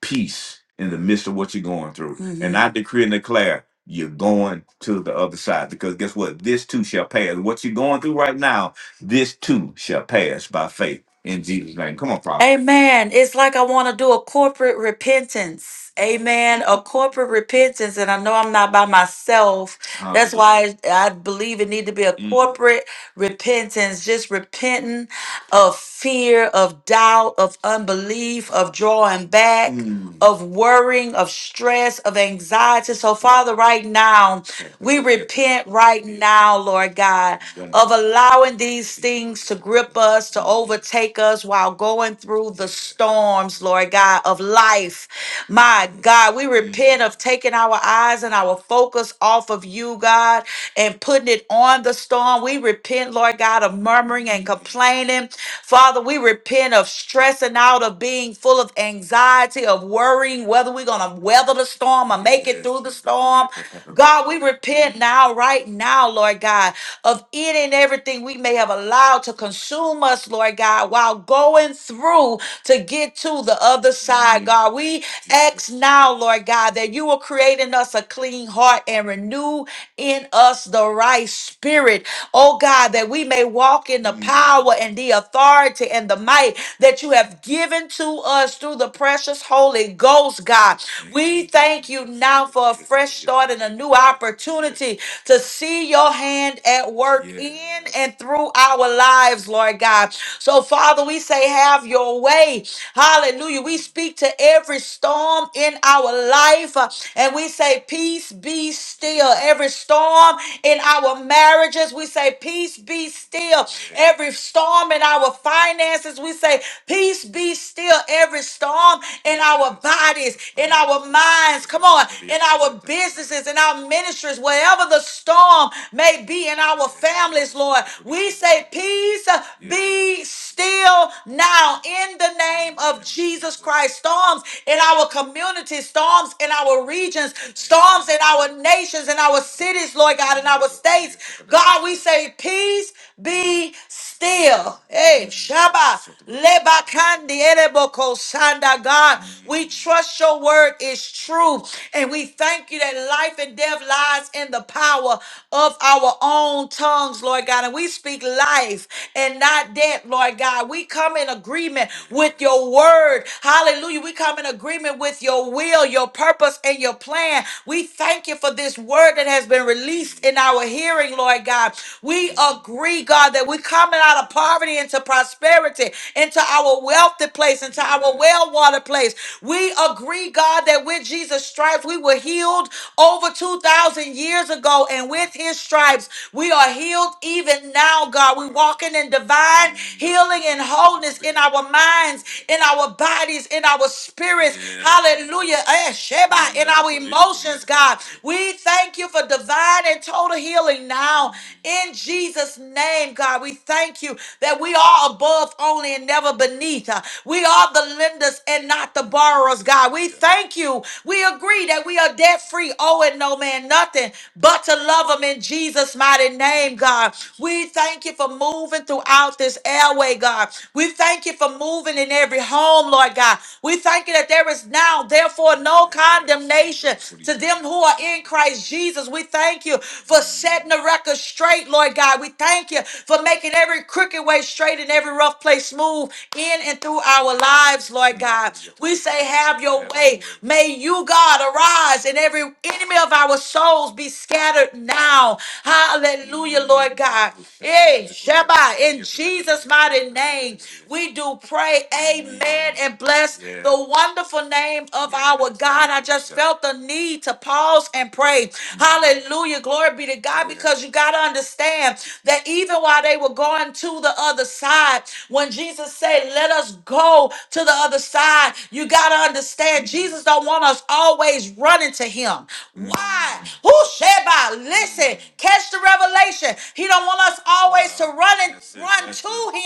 A: peace in the midst of what you're going through. And hmm I Mhm. decree and declare you're going to the other side because guess what? This too shall pass. What you're going through right now, this too shall pass by faith in Jesus' name. Come on, prophet. Amen. It's like I want to do a corporate repentance. Amen. A corporate repentance. And I know I'm not by myself. That's Hallelujah. why I believe it need to be a Mm. corporate repentance. Just repenting of fear, of doubt, of unbelief, of drawing back, Mm. of worrying, of stress, of anxiety. So, Father, right now, we repent right now, Lord God, of allowing these things to grip us, to overtake us while going through the storms, Lord God, of life. My God, we repent of taking our eyes and our focus off of you, God, and putting it on the storm. We we repent, Lord God, of murmuring and complaining. Father, we repent of stressing out, of being full of anxiety, of worrying whether we're going to weather the storm or make it through the storm. God, we repent now, right now, Lord God, of any and everything we may have allowed to consume us, Lord God, while going through to get to the other side, God. We ask now, Lord God, that you will create in us a clean heart and renew in us the right spirit, oh God, that we may walk in the power and the authority and the might that you have given to us through the precious Holy Ghost, God. We thank you now for a fresh start and a new opportunity to see your hand at work in and through our lives, Lord God. So, Father, we say, have your way. Hallelujah. We speak to every storm in our life uh, and we say, Peace be be still. Every storm in our marriages, we say, Peace be still. Every storm in our finances, we say, Peace be still. Every storm in our bodies, in our minds, come on, in our businesses, in our ministries, wherever the storm may be in our families, Lord, we say, Peace be still now in the name of Jesus Christ. Storms in our community, storms in our region regions, storms in our nations, in our cities, Lord God, in our states. God, we say, peace be still. Hey, Shabbat. Leba kandi ereboko shanda God. We trust your word is true. And we thank you that life and death lies in the power of our own tongues, Lord God. And we speak life and not death, Lord God. We come in agreement with your word. Hallelujah. We come in agreement with your will will, your purpose, and your plan. We thank you for this word that has been released in our hearing, Lord God. We agree, God, that we're coming out of poverty into prosperity, into our wealthy place, into our well watered place. We agree, God, that with Jesus' stripes we were healed over 2,000 years ago, and with his stripes we are healed even now, God. We're walking in divine healing and wholeness in our minds, in our bodies, in our spirits spirits. Yeah. Hallelujah. Eh, Sheba, In Yeah. our emotions, God. We thank you for divine and total healing now. In Jesus' name, God, we thank you that we are above only and never beneath. Uh, We are the lenders and not the borrowers, God. We thank you. We agree that we are debt free, owing no man nothing but to love them in Jesus' mighty name, God. We thank you for moving throughout this airway, God. We thank you for moving in every home, Lord. Lord God. We thank you that there is now, therefore, no condemnation to them who are in Christ Jesus. We thank you for setting the record straight, Lord God. We thank you for making every crooked way straight and every rough place smooth in and through our lives, Lord God. We say, Have your way. May you, God, arise and every enemy of our souls be scattered now. Hallelujah, Lord God. Hey, Shabbat, in Jesus' mighty name, we do pray pray. Amen. And bless Yeah. the wonderful name of our God. I just Yeah. felt the need to pause and pray. Hallelujah. Glory be to God Yeah. because you got to understand that even while they were going to the other side, when Jesus said, Let us go to the other side, you got to understand Jesus don't want us always running to him. Why? Mm. Who Sheba? Listen, Mm. catch the revelation. He don't want us always to Wow. run and run to it.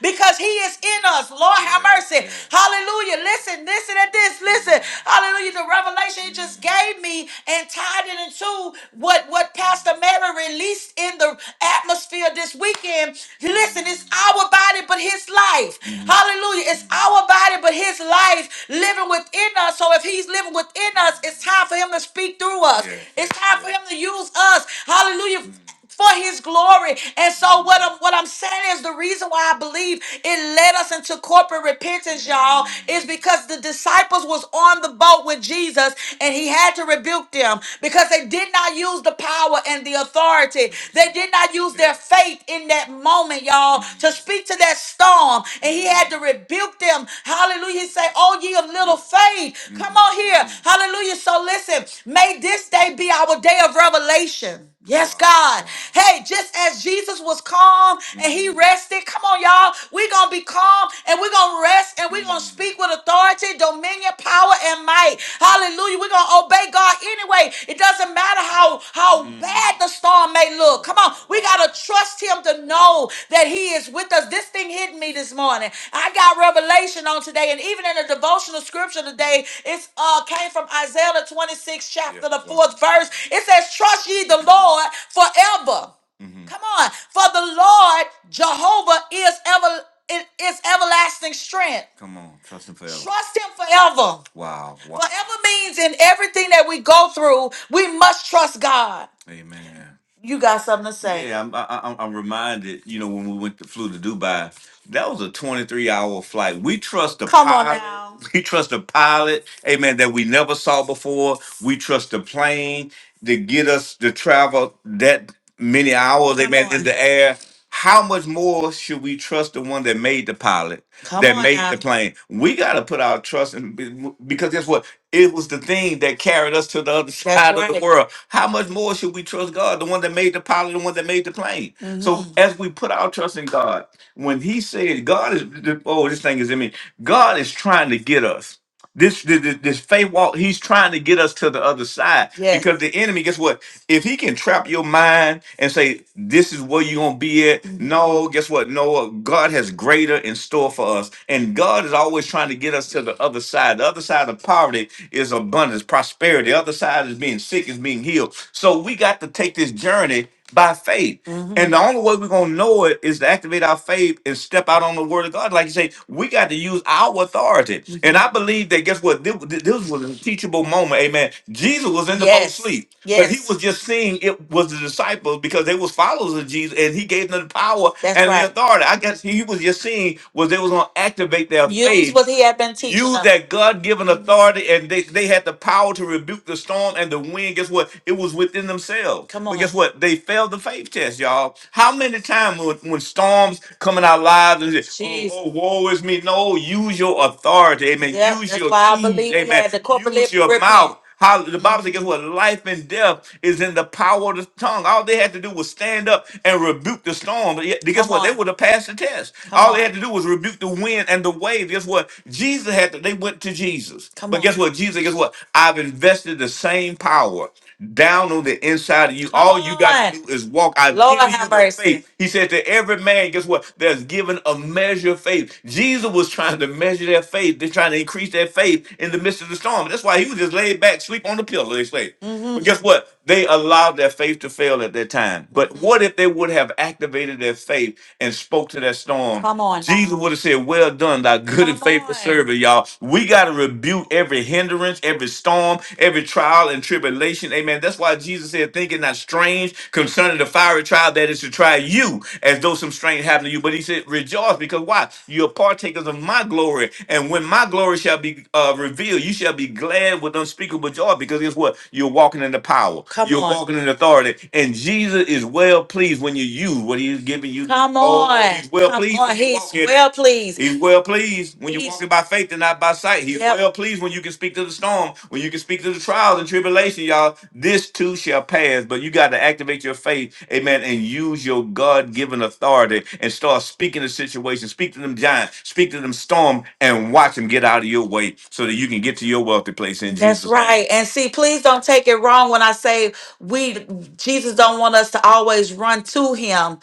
A: him because he is in us. Lord have mercy. Hallelujah. Listen, listen at this. Listen. Hallelujah. The revelation he just gave me and tied it into what, what Pastor Mary released in the atmosphere this weekend. Listen, it's our body, but his life. Hallelujah. It's our body, but his life living within us. So if he's living within us, it's time for him to speak through us. It's time for him to use us. Hallelujah for his glory. And so what I'm what I'm saying is the reason why I believe it led us into corporate repentance, y'all, is because the disciples was on the boat with Jesus and he had to rebuke them because they did not use the power and the authority. They did not use their faith in that moment, y'all, to speak to that storm. And he had to rebuke them. Hallelujah. He said, Oh, ye of little faith. Come on here. Hallelujah. So listen, may this day be our day of revelation. Yes, God. Hey, just as Jesus was calm and he rested, come on, y'all. We're going to be calm and we're going to rest and we're going to speak with authority, dominion, power, and might. Hallelujah. We're going to obey God anyway. It doesn't matter how, how bad the storm may may look. Come on. We got to trust him to know that he is with us. This thing hit me this morning. I got revelation on today, and even in the devotional scripture today, it's uh came from Isaiah the 26th Yeah. chapter, the fourth verse. It says, Trust ye the Lord forever. hmm Come on. For the Lord Jehovah is ever it is everlasting strength. Come on. Trust him forever. Trust him forever. Wow. Wow. Forever means in everything that we go through, we must trust God. Amen. You got something to say? Yeah, I'm, I, I- I'm I'm reminded. You know, when we went to flew to Dubai, that was a 23 hour flight. We trust the Come on pilot. now. We trust the pilot, amen, that we never saw before. We trust the plane to get us to travel that many hours, Come amen, in on. the air how much more should we trust the one that made the pilot, Come that on made now. the plane? We got to put our trust in be- because guess what? It was the thing that carried us to the other That's side of the right. world. How much more should we trust God, the one that made the pilot, the one that made the plane? So hmm as we put our trust in God, when He said, "God is," oh, this thing is in me. God is trying to get us. This, this this faith walk, he's trying to get us to the other side Yes. because the enemy, guess what? If he can trap your mind and say, This is where you're gonna be at, no, guess what? No, God has greater in store for us. And God is always trying to get us to the other side. The other side of poverty is abundance, prosperity. The other side is being sick, is being healed. So we got to take this journey by faith. hmm And the only way we're gonna know it is to activate our faith and step out on the word of God. Like you say, we got to use our authority. Mhm. And I believe that guess what? This, this was a teachable moment, amen. Jesus was in the boat Yes. sleep, but he Yes. was just seeing it was the disciples because they was followers of Jesus and he gave them the power That's and the right. authority. I guess he was just seeing was they was gonna activate their Use faith what he had been teaching use them. that God given authority and they, they had the power to rebuke the storm and the wind. Guess guess what? It was within themselves. Come But on. guess what? They failed the faith test, y'all. How many times when, when storms come in our lives and say, oh, Jesus. oh, woe is me. No, use your authority. Amen. Yep, Use that's your why I keys. believe we Amen. had the corporate Use your repent. mouth. How the Bible says, hmm guess what? Life and death is in the power of the tongue. All they had to do was stand up and rebuke the storm. But yet- Guess Come what? They on. would have passed the test. Come All they on. had to do was rebuke the wind and the wave. Guess what? Jesus had to, they went to Jesus. Come But on. guess what? Jesus, because guess what? I've invested the same power down on the inside of you. Come All you got on. to do is walk. I've Lord given you have the mercy. faith. He said to every man, guess what? There's given a measure of faith. Jesus was trying to measure their faith. They're trying to increase their faith in the midst of the storm. That's why he was just laid back, sleep on the pillow, they say. But hmm guess what? they allowed their faith to fail at that time. But what if they would have activated their faith and spoke to that storm? Come on Jesus would have said, Well done, thy good and Come faithful on. servant, y'all. We got to rebuke every hindrance, every storm, every trial and tribulation. Amen. That's why Jesus said, Think it not strange concerning the fiery trial that is to try you, as though some strange happened to you. But he said, Rejoice yours because why? You're partakers of my glory. And when my glory shall be uh, revealed, you shall be glad with unspeakable joy because guess what? You're walking in the power, Come you're on. walking in authority. And Jesus is well pleased when you use what he's giving you. Come Oh, on. he's well Come pleased on. when you He's walk in it. well pleased. He's well pleased when you're He's walking by faith and not by sight. He's yep. well pleased when you can speak to the storm, when you can speaks of the trials and tribulation, y'all. This too shall pass, but you got to activate your faith, amen, and use your God given authority and start speaking to situations. Speak to them giants, speak to them storm, and watch them get out of your way so that you can get to your wealthy place in That's Jesus' name. right. And see, please don't take it wrong when I say we Jesus don't want us to always run to him.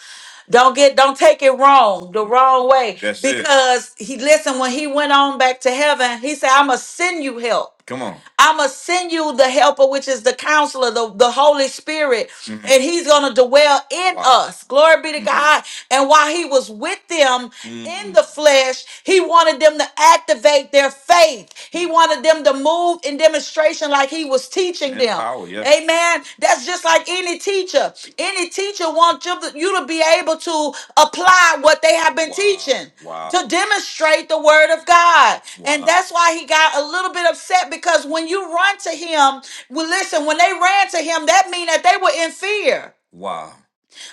A: Don't get don't take it wrong, the wrong way. That's it. Because he listen, when he went on back to heaven, he said, I'ma send you help. Come on. I'ma send you the helper, which is the counselor, the, the Holy Spirit, hmm and he's gonna dwell in Wow. us. Glory be to hmm God. And while he was with them in hmm the flesh, he wanted them to activate their faith. He wanted them to move in demonstration like he was teaching And them. power, yeah. Amen. That's just like any teacher. Any teacher wants you to, you to be able to apply what they have been Wow. teaching to Wow. demonstrate the word of God. And Wow. that's why he got a little bit upset because when you run to him, well, listen, when they ran to him, that mean that they were in fear. Wow.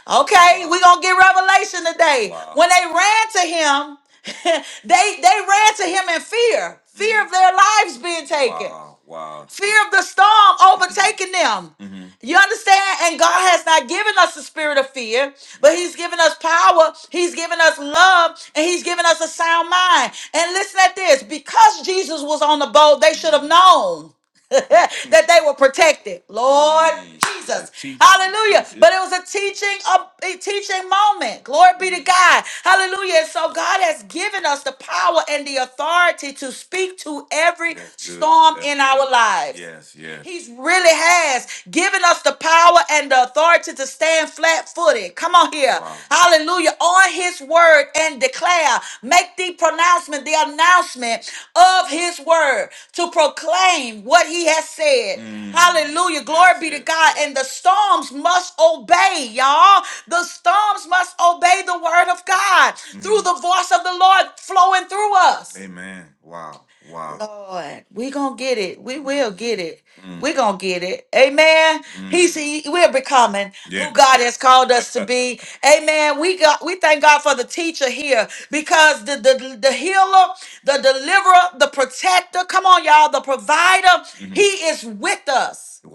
A: Okay, we're gonna get revelation today. Wow. When they ran to him, they they ran to him in fear. Fear of their lives being taken. Wow, wow. Fear of the storm overtaking them. Mhm. You understand? And God has not given us the spirit of fear, but He's given us power, He's given us love, and He's given us a sound mind. And listen at this because Jesus was on the boat, they should have known. that they were protected. Lord Jesus. Hallelujah. But it was a teaching of a teaching moment. Glory be to God. Hallelujah. And so God has given us the power and the authority to speak to every That's good. storm That's in good. our lives. Yes, yes, He's really has given us the power and the authority to stand flat footed. Come on here. Wow. Hallelujah. On his word and declare declare, Make the pronouncement, the announcement of his word to proclaim what he has said. Mm. Hallelujah. Glory be to God. And the storms must obey, y'all. The storms must obey the word of God through Mhm. the voice of the Lord flowing through us. Amen. Wow. Wow. Lord, we going to get it. We will get it. Mm, We're gonna get it. Amen. mm. He's we're becoming who Yeah. God has called us to be. Amen. We got we thank God for the teacher here because the the, the healer, the deliverer, the protector, come on, y'all, the provider, he Mhm. is with us. Wow.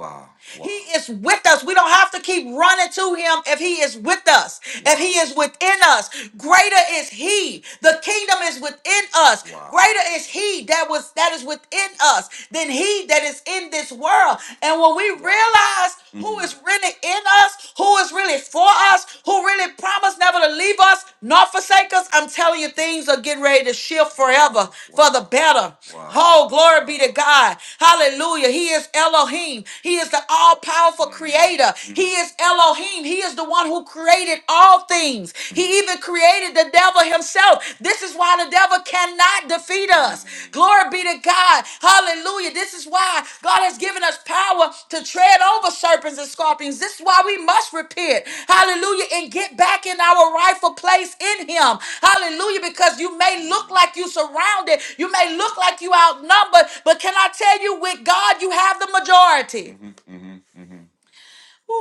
A: Wow. He Wow. is with us. We don't have to keep running to him if he is with us, if Wow. he is within us. Greater is he. The kingdom is within us us. Wow. Greater is he that was that is within us than he that is in this world. And when we Wow. realize who is Mm. really in us, who is really for us, who really promised never to leave us, nor forsake us, I'm telling you, things are getting ready to shift forever Wow. for the Wow. better. Wow. Oh, glory be Wow. to God. Hallelujah. He is Elohim. He is the all powerful Mm. creator. Mhm. He Mm. is Elohim. He is the one who created all things. He even created the devil himself. This is why the devil cannot defeat us. Glory be to God. Hallelujah. This is why God has given us power to tread over serpents and scorpions. This is why we must repent. Hallelujah. And get back in our rightful place in him. Hallelujah. Because you may look like you surrounded. You may look like you outnumbered. But can I tell you, with God, you have the majority.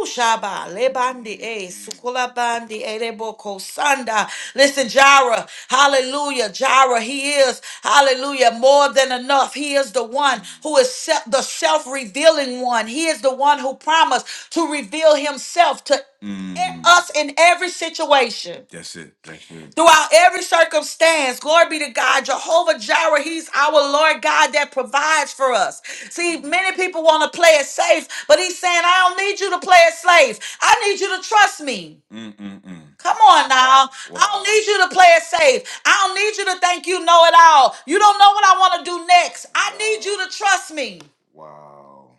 A: Ushaba, lebandi, e sukula bandi, eh, leboko, sanda. Listen, Jara, hallelujah. Jara, he is, hallelujah, more than enough. He is the one who is se- the self revealing one. He is the one who promised to reveal himself to in Mm. us in every situation That's it. That's it. throughout every circumstance. Glory be to God. Jehovah Jireh, He's our Lord God that provides for us. See, many people want to play it safe, but He's saying, I don't need you to play it safe. I need you to trust me. Mm-mm-mm. Come on now. Wow. I Wow. don't Wow. need you to play it safe. I don't need you to think you know it all. You don't know what I want to do next. I need Wow. you to trust me. Wow.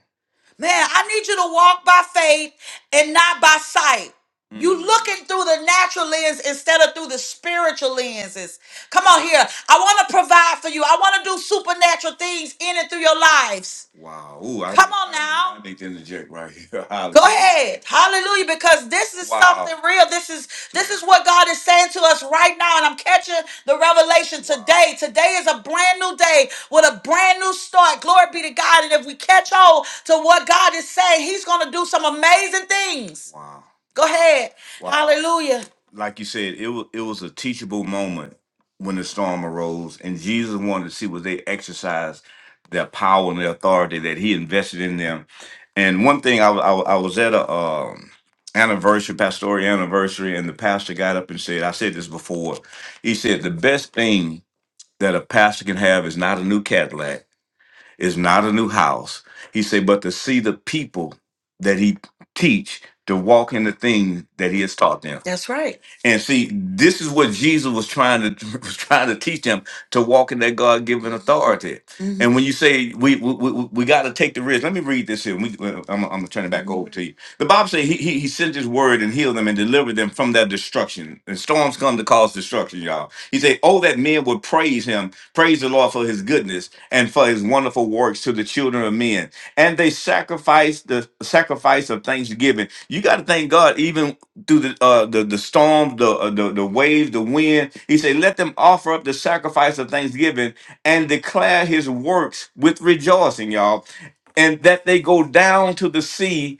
A: Man, I need you to walk by faith and not by sight. You Mm. looking through the natural lens instead of through the spiritual lenses. Come on here. I want to provide for you. I want to do supernatural things in and through your lives. Wow. Ooh, I Come need, on I need, now. I need to interject right here. Go Hallelujah. ahead. Hallelujah. Because this is Wow. something Wow. real. This is this is what God is saying to us right now. And I'm catching the revelation Wow. today. Today is a brand new day with a brand new start. Glory be to God. And if we catch hold to what God is saying, He's gonna do some amazing things. Wow. Go Wow. ahead. Wow. Hallelujah. Like you said, it was it was a teachable moment when the storm arose, and Jesus wanted to see was they exercised. Their power and the authority that he invested in them. And one thing, I, wa- I, wa- I was at a um, anniversary, pastoral anniversary, and the pastor got up and said, I said this before. He said, the best thing that a pastor can have is not a new Cadillac, is not a new house. He said, but to see the people that he teach to walk in the thing that he has taught them. That's right. And see, this is what Jesus was trying to was trying to teach them to walk in that God given authority. hmm And when you say we we, we, we got to take the risk, let me read this here. We, uh, I'm, I'm gonna turn it back over to you. The Bible says he, he he sent his word and healed them and delivered them from their destruction. And storms come to cause destruction, y'all. He said, "Oh, that men would praise him, praise the Lord for his goodness and for his wonderful works to the children of men." And they sacrificed the sacrifice of thanksgiving. You got to thank God, even through the uh, the the storm, the, uh, the the wave, the wind. He said, "Let them offer up the sacrifice of thanksgiving and declare His works with rejoicing, y'all, and that they go down to the sea."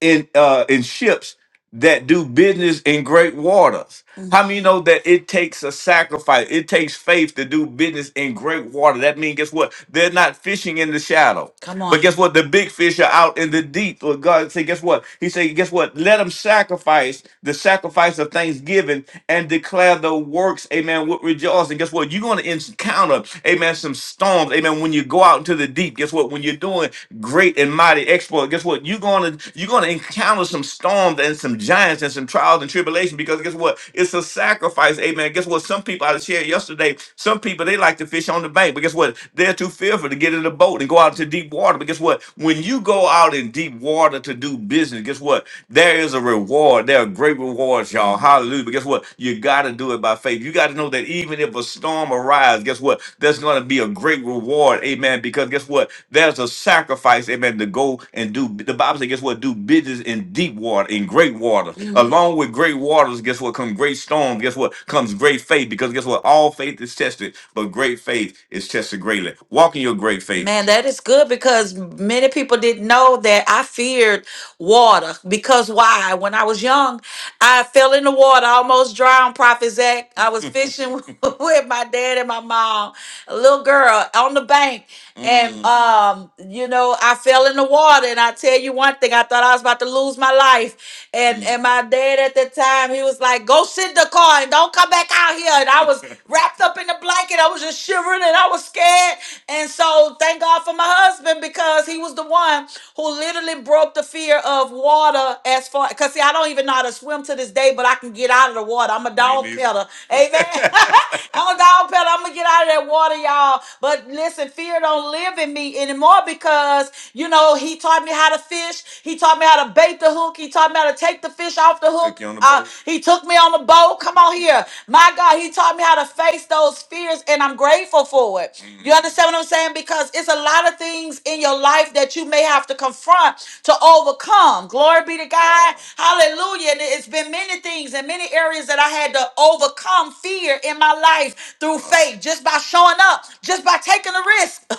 A: in uh in ships that do business in great waters. How many know that it takes a sacrifice? It takes faith to do business in great water. That means guess what? They're not fishing in the shallow. Come But on. guess what? The big fish are out in the deep. Well, God said, guess what? He said, guess what? Let them sacrifice the sacrifice of thanksgiving and declare the works, amen, with rejoicing. Guess what? You're going to encounter, amen, some storms, amen, when you go out into the deep. Guess what? When you're doing great and mighty somebody export, guess what? You're gonna you're gonna encounter some storms and some giants and some trials and tribulation because guess what? It's a sacrifice, amen. Guess what? Some people I shared yesterday, some people they like to fish on the bank, but guess what? They're too fearful to get in the boat and go out to deep water. But guess what? When you go out in deep water to do business, guess what? There is a reward. There are great rewards, y'all. Hallelujah. But guess what? You gotta do it by faith. You gotta know that even if a storm arrives, guess what? There's gonna be a great reward, amen. Because guess what? but There's a sacrifice, amen, to go and do. The Bible says, guess what? Do business in deep water, in great water. Mm. Along with great waters, guess what? Come great storm. Guess what? Comes great faith. Because guess what? All faith is tested, but great faith is tested greatly. Walk in your great faith. Man, that is good because many people didn't know that I feared water. Because why? When I was young, I fell in the water, almost drowned, Prophet Zach. I was fishing with my dad and my mom, a little girl on the bank and Mm. um, you know, I fell in the water. And I tell you one thing, I thought I was about to lose my life. And Mm. and my dad at the time, he was like, "Go sit in the car and don't come back out here." And I was wrapped up in the blanket. I was just shivering and I was scared. And so thank God for my husband because he was the one who literally broke the fear of water as far. Cause see, I don't even know how to swim to this day, but I can get out of the water. I'm a Me dog neither. peddler. Amen. I'm a dog peddler. I'm gonna get out of that that water, y'all. But listen, fear don't live in me anymore because, you know, he taught me how to fish. He taught me how to bait the hook. He taught me how to take the fish off the hook. Take you on the Uh, boat. he took me on the boat. Come on here. My God, he taught me how to face those fears, and I'm grateful for it. You Mm. understand what I'm saying? Because it's a lot of things in your life that you may have to confront to overcome. Glory be to God. Wow. Hallelujah. And it's been many things and many areas that I had to overcome fear Lord in my life through faith, just by showing up, just by taking a risk.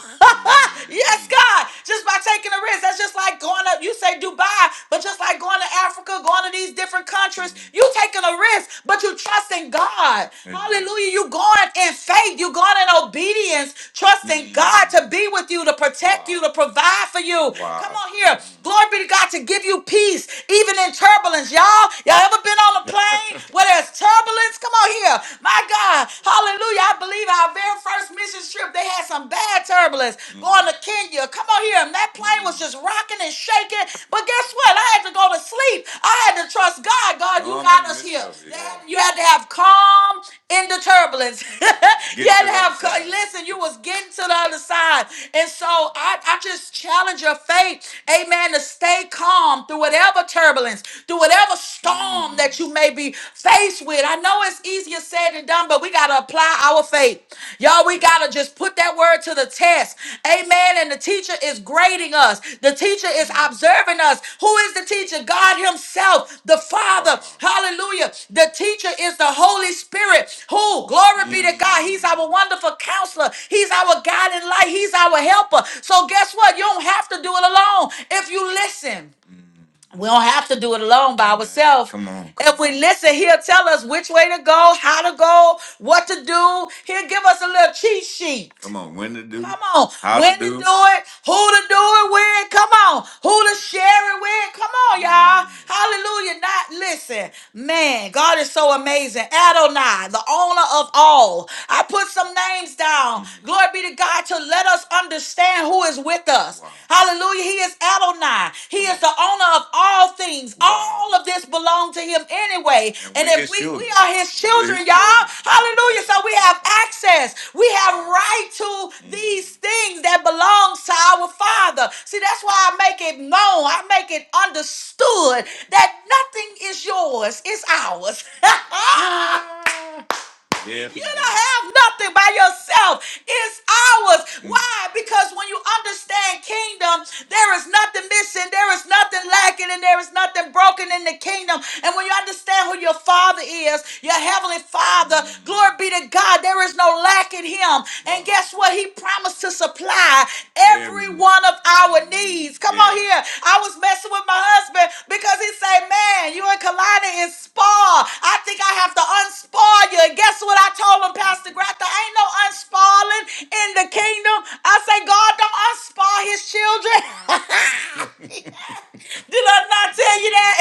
A: yes, God, just by taking a risk. That's just like going up, you say Dubai, but just like going to Africa, going to these different countries, you taking a risk, but you trusting God. Hallelujah. You going in faith, you going in obedience, trusting God to be with you, to protect you, to provide for you. Come on here. Glory be to God to give you peace, even in turbulence. Y'all, y'all ever been on a plane? where there's turbulence. Come on here. My God. Hallelujah. I believe our very first mission trip, they had some bad turbulence going to Kenya. Come on here. And that plane was just rocking and shaking. But guess what? I had to go to sleep. I had to trust God. God, you got us here. They had- You had to have calm in the turbulence. you had to have, ca- listen, you was getting to the other side. And so I, I just challenge your faith, amen, to stay calm through whatever turbulence, through whatever whatever storm that you may be faced with. I know it's easier said than done, but we got to apply our faith. Y'all, we got to just put that word to the test. Amen. And the teacher is grading us, the teacher is observing us. Who is the teacher? God Himself, the Father. Hallelujah. The teacher is the Holy Spirit. Who? Glory be to God. He's our wonderful counselor. He's our guiding light. He's our helper. So guess what? You don't have to do it alone if you listen. We don't have to do it alone by ourselves. Come on. If we listen, he'll tell us which way to go, how to go, what to do. He'll give us a little cheat sheet. Come on. When to do, Come on. how to When to do do. it, who to do it with. Come on. Who to share it with. Come on, y'all. Hallelujah. Not listen. Man, God is so amazing. Adonai, the owner of all. I put some names down. Glory be to God to let us understand who is with us. Wow. Hallelujah. He is Adonai. He is the owner of all things. Wow. All of this belongs to him anyway. And And we if we we are his children, his y'all. children. Hallelujah. So we have access. We have Wow. right to Mm. these things that belongs to our Father. See, that's why I make it known. I make it understood that nothing is yours. It's ours. Yeah. You don't have nothing by yourself. It's ours. Why? Because when you understand kingdom, there is nothing missing, there is nothing lacking, and there is nothing broken in the kingdom. And when you understand who your father is, your heavenly father, glory be to God, there is no lack in him. And guess what? He promised to supply every Every one of our needs. Come on yes, here. I was messing with my husband because he said, Man, you and Kalani is spar. I think I have to unspoil you. And guess what I told him, Pastor Grant? There ain't no unspoiling in the kingdom. I say, God, don't unspoil his children. Did I not tell you that?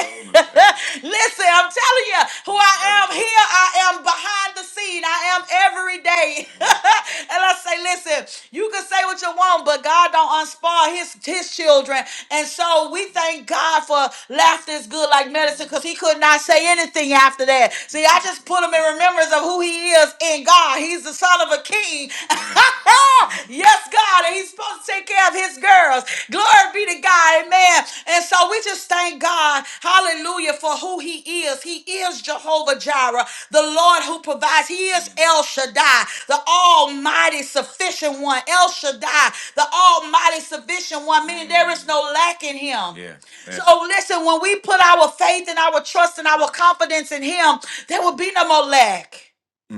A: Listen, I'm telling you who I am here. I am behind the scene. I am every day. and I say, listen, you can say what you want, but God don't unspoil his, his children. And so we thank God for laughter is good like medicine because he could not say anything after that. See, I just put him in remembrance of who he is in God. He's the son of a king. yes, God, and he's supposed to take care of his girls. Glory be to God, amen. And so we just thank God, hallelujah, for who he is. He is Jehovah Jireh, the Lord who provides. He is El Shaddai, the almighty sufficient one. El Shaddai, the almighty sufficient one, meaning there is no lack in him. Yeah. Yeah. So listen, when we put our faith and our trust and our confidence in him, there will be no more lack.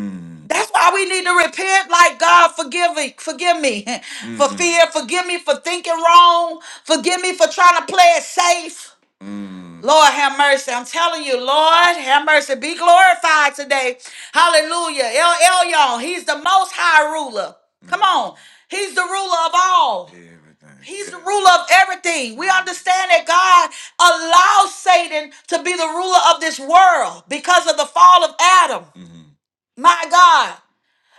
A: Mm, That's why we need to repent like God forgive me, forgive me for mm, fear, forgive me for thinking wrong, forgive me for trying to play it safe. mm. Lord have mercy. I'm telling you, Lord have mercy. Be glorified today. Hallelujah. El Elyon, he's the most high ruler. Come mm. on. He's the ruler of all. Amen. He's the Yeah. ruler of everything. We Mm, understand that God allows Satan to be the ruler of this world because of the fall of Adam. mm, My God.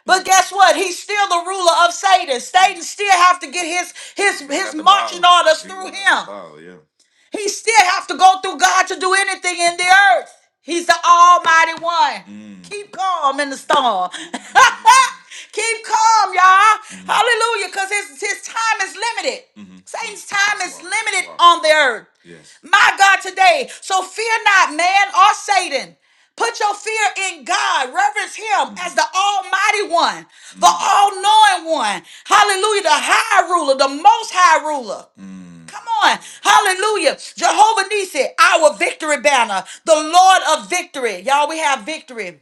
A: But guess what? He's still the ruler of Satan. Satan still have to get his his He his Got the marching Bible. orders He through got the him. Bible, yeah. He still have to go through God to do anything in the earth. He's the Almighty One. Mm. Keep calm in the storm. Keep calm, y'all. hmm Hallelujah, because his, his time is limited. hmm Satan's time is Wow. limited Wow. on the earth. Yes. My God, today. So fear not man or Satan. Put your fear in God. Reverence Him as the Almighty One, the All Knowing One. Hallelujah. The High Ruler, the Most High Ruler. Mm. Come on. Hallelujah. Jehovah Nisi, our victory banner, the Lord of victory. Y'all, we have victory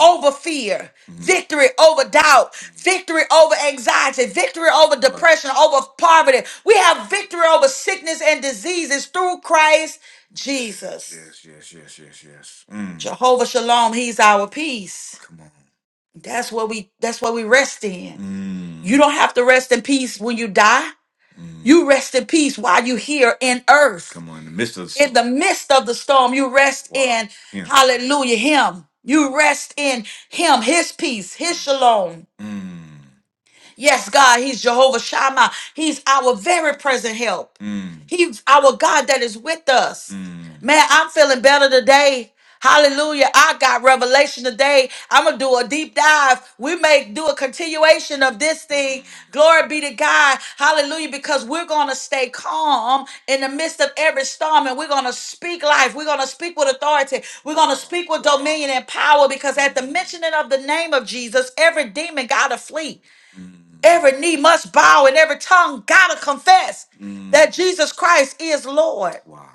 A: over fear, victory over doubt, victory over anxiety, victory over Right. depression, over poverty. We have victory over sickness and diseases through Christ Jesus. Yes, yes, yes, yes, yes. Mm. Jehovah Shalom, he's our peace. Come on. That's what we that's what we rest in. You Mm. don't have to rest in peace when you die. You rest in peace while you here in earth. Come on, in the midst of the In storm. the midst of the storm, you rest Wow. in, Him. hallelujah, Him. You rest in Him, His peace, His shalom. Yes, God, He's Jehovah Shammah. He's our very present help. Mm. He's our God that is with us. Mm. Man, I'm feeling better today. Hallelujah. I got revelation today. I'm going to do a deep dive. We may do a continuation of this thing. Glory be to God. Hallelujah. Because we're going to stay calm in the midst of every storm and we're going to speak life. We're going to speak with authority. We're going to speak with dominion and power because at the mentioning of the name of Jesus, every demon got to flee. Every knee must bow and every tongue gotta confess Mm. that Jesus Christ is Lord. Wow.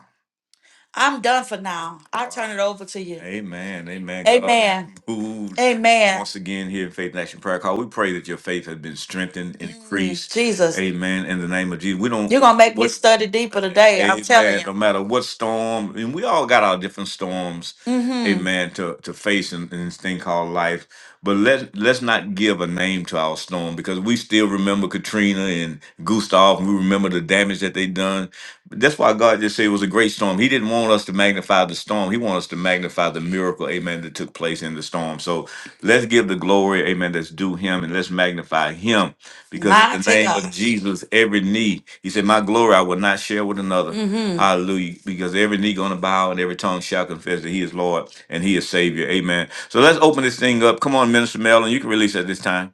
A: I'm done for now. I will turn it over to you. Amen. Amen. God Amen. moved Amen. Once again, here in Faith and Action Prayer Call, we pray that your faith has been strengthened, Mm, increased. Jesus. Amen. In the name of Jesus, we don't. You're gonna make me what- study deeper today. I'm telling Amen. you. No matter what storm, and we all got our different storms. Mhm. Amen. To to face in, in this thing called life. But let let's not give a name to our storm because we still remember Katrina and Gustav. And we remember the damage that they done. That's why God just said it was a great storm. He didn't want us to magnify the storm. He wanted us to magnify the miracle, amen, that took place in the storm. So let's give the glory, man, let's do him and let's magnify him because in My the Mighty name of God. Jesus, every knee, he said, My glory I will not share with another. hmm Hallelujah. Because every knee gonna bow and every tongue shall confess that he is Lord and he is Savior. Amen. So let's open this thing up. Come on, Minister Mellon, you can release at this time.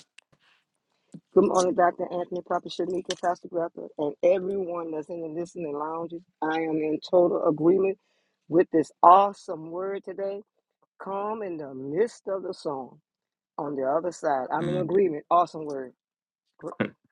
C: Good morning, Dr. Anthony, Papa Shanika, Pastor Greta, and everyone that's in the listening lounges. I am in total agreement with this awesome word today. Calm in the midst of the storm. On the other side, I'm in
A: Mm,
C: agreement. Awesome word.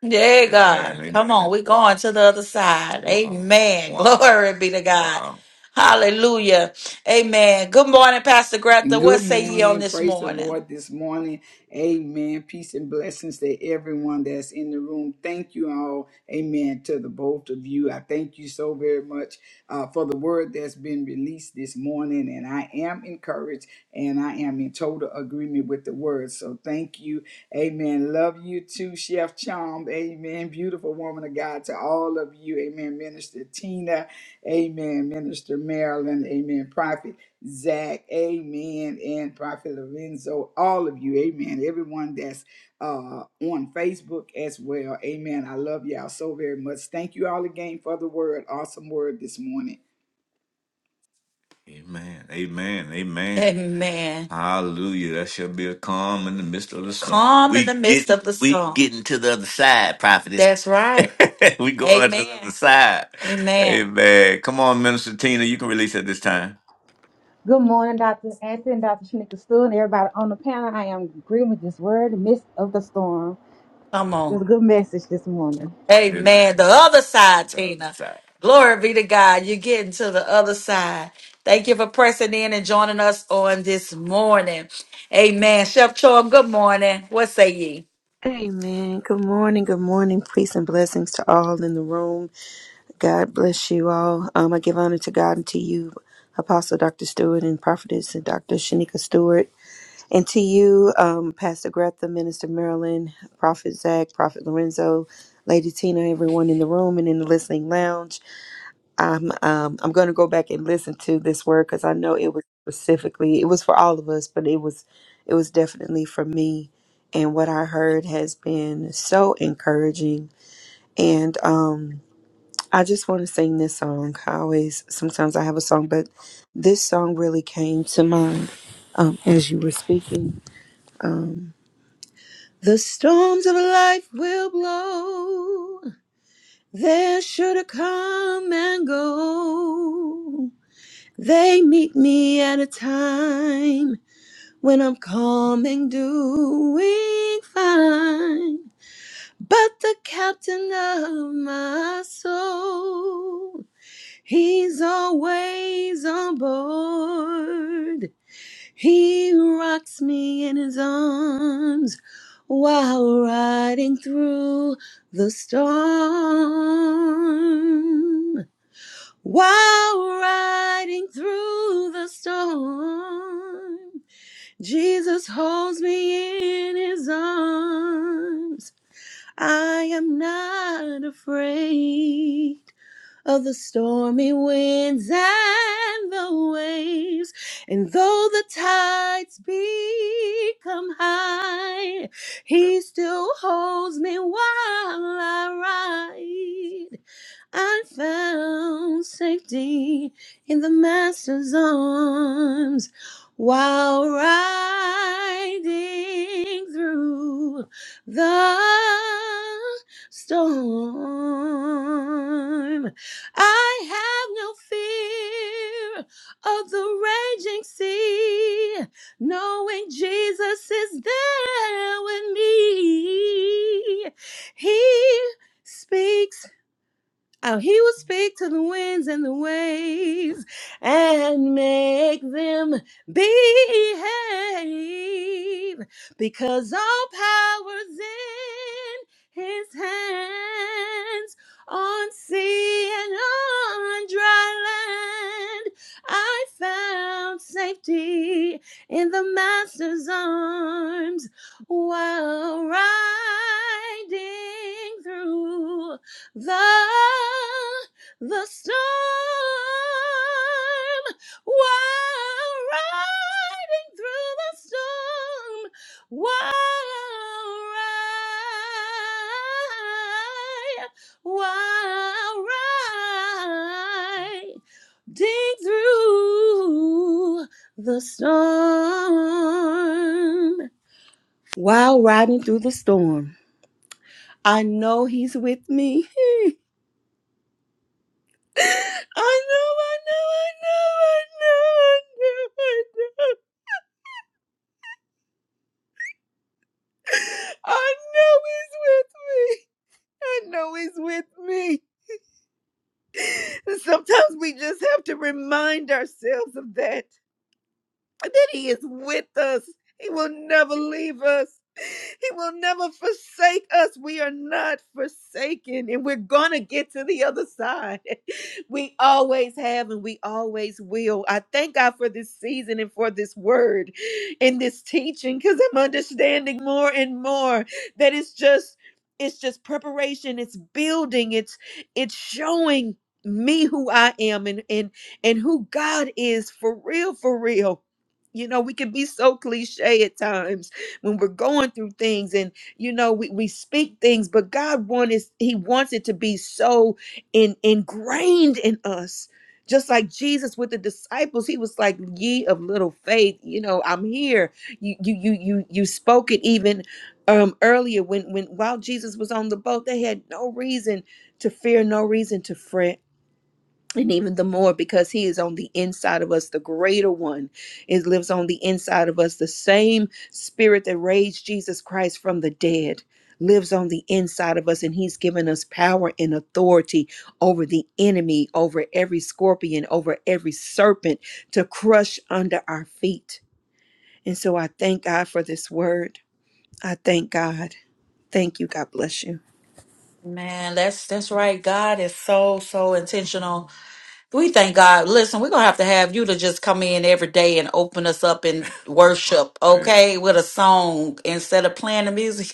A: Yeah, amen. God. Amen. Come on, Amen. we're going to the other side. Wow. Amen. Wow. Glory be to God. Wow. Hallelujah. Amen. Good morning, Pastor Greta.
B: And
A: What
B: Good
A: say ye on
B: morning.
A: this
B: Praise the
A: morning?
B: Lord this morning. Amen. Peace and blessings to everyone that's in the room. Thank you all. Amen. To the both of you. I thank you so very much uh, for the word that's been released this morning. And I am encouraged and I am in total agreement with the word. So thank you. Amen. Love you too, Chef Chom. Amen. Beautiful woman of God to all of you. Amen. Minister Tina. Amen. Minister Marilyn. Amen. Prophet. Zach, amen, and Prophet Lorenzo, all of you, amen. Everyone that's uh, on Facebook as well, amen. I love y'all so very much. Thank you all again for the word, awesome word this morning.
A: Amen. Amen. Amen. Amen. Hallelujah. That shall be a calm in the midst of the storm. Calm in We the We midst get of the we storm. getting to the other side, prophetess. That's right. we going to the other Amen. side. Amen. Amen. Come on, Minister Tina. You can release at this time.
D: Good morning, Dr. Anthony, Dr. Shanika Stewart, and everybody on the panel. I am agreeing with this word, midst of the storm.
A: Come
D: It
A: on.
D: was a good message this morning.
A: Amen. Amen. The other side, The other Tina. side. Glory be to God. You're getting to the other side. Thank you for pressing in and joining us on this morning. Amen. Chef Chorm, good morning. What say ye?
E: Amen. Good morning. Good morning. Peace and blessings to all in the room. God bless you all. Um, I give honor to God and to you, Apostle Dr. Stewart and Prophetess and Dr. Shanika Stewart, and to you, um, Pastor Greta, Minister Marilyn, Prophet Zach, Prophet Lorenzo, Lady Tina, everyone in the room and in the listening lounge. I'm um I'm gonna go back and listen to this word because I know it was specifically it was for all of us, but it was it was definitely for me. And what I heard has been so encouraging. And um I just want to sing this song. I always sometimes I have a song, but this song really came to mind um as you were speaking. Um the storms of life will blow. They should come and go. They meet me at a time when I'm calm and doing fine. But the captain of my soul, he's always on board. He rocks me in his arms while riding through the storm. While riding through the storm, Jesus holds me in his arms. I am not afraid of the stormy winds and the waves. And though the tides become high, he still holds me while I ride. I found safety in the Master's arms while riding through the storm. I have no fear of the raging sea, knowing Jesus is there with me. He speaks Oh, he will speak to the winds and the waves and make them behave because all power's in his hands on sea and on dry land. I found safety in the master's arms while riding through the, the storm. While riding through the storm. While ride, while riding through the storm. While riding through the storm, I know He's with me. I know, I know, I know, I know, I know, I know. I know he's with me. I know he's with me. sometimes we just have to remind ourselves of that. that he is with us. He will never leave us. He will never forsake us. We are not forsaken and we're going to get to the other side. We always have and we always will. I thank God for this season and for this word and this teaching because I'm understanding more and more that it's just it's just preparation, it's building, it's it's showing me who I am and and and who God is for real for real you know we can be so cliche at times when we're going through things and you know we, we speak things but god wants he wants it to be so in, ingrained in us just like jesus with the disciples he was like ye of little faith you know i'm here you you you you, you spoke it even um earlier when when while jesus was on the boat they had no reason to fear no reason to fret and even the more because he is on the inside of us the greater one it lives on the inside of us the same spirit that raised jesus christ from the dead lives on the inside of us and he's given us power and authority over the enemy over every scorpion over every serpent to crush under our feet and so i thank god for this word i thank god thank you god bless you
A: Man, that's that's right. God is so so intentional. We thank God. Listen, we're gonna have to have you to just come in every day and open us up in worship, Man. okay, with a song instead of playing the music.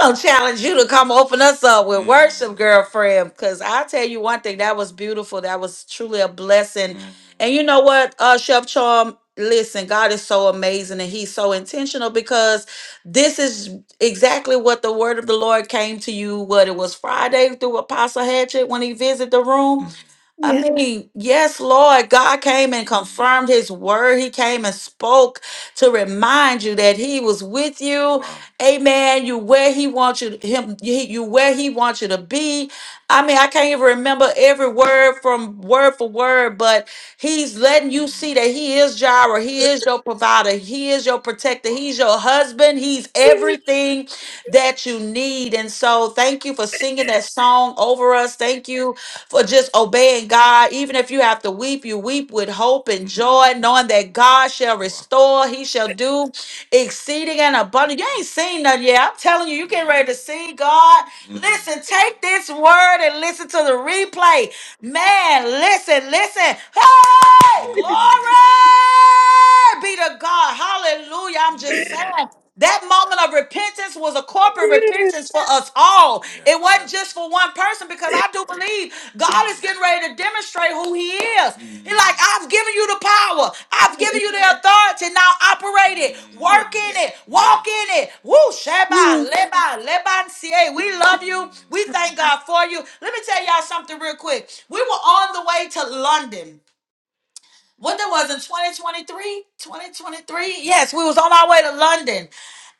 A: I'll challenge you to come open us up with Mm, worship, girlfriend. Because I tell you one thing, that was beautiful. That was truly a blessing. mm, And you know what, uh, Chef Charm? Listen, God is so amazing and He's so intentional because this is exactly what the word of the Lord came to you. What it was Friday through Apostle Hatchet when he visited the room. I
E: yeah
A: mean, yes, Lord, God came and confirmed his word. He came and spoke to remind you that he was with you. Amen. You where he wants you to, him he- you where he wants you to be. I mean, I can't even remember every word from word for word, but He's letting you see that He is Jireh. He is your provider. He is your protector. He's your husband. He's everything that you need. And so, thank you for singing that song over us. Thank you for just obeying God. Even if you have to weep, you weep with hope and joy, knowing that God shall restore. He shall do exceeding and abundant. You ain't seen nothing yet. I'm telling you, you getting ready to see God. Listen, take this word and listen to the replay. Man, listen, listen. Huh? Hey, glory be to God. Hallelujah. I'm just saying. That moment of repentance was a corporate repentance for us all. Yes, It wasn't just for one person because I do believe God is Mm, getting ready to demonstrate who He is. He's like, mm, I've given you the power, I've given you the authority. Now operate it,
E: yeah
A: work mm. in it, Yeah. walk in it. Woo, Sheba,
E: yeah
A: Leba, Leban, CA. We love you. We thank God for you. Let me tell y'all something real quick. We were on the way to London what that was in 2023 2023 yes we was on our way to london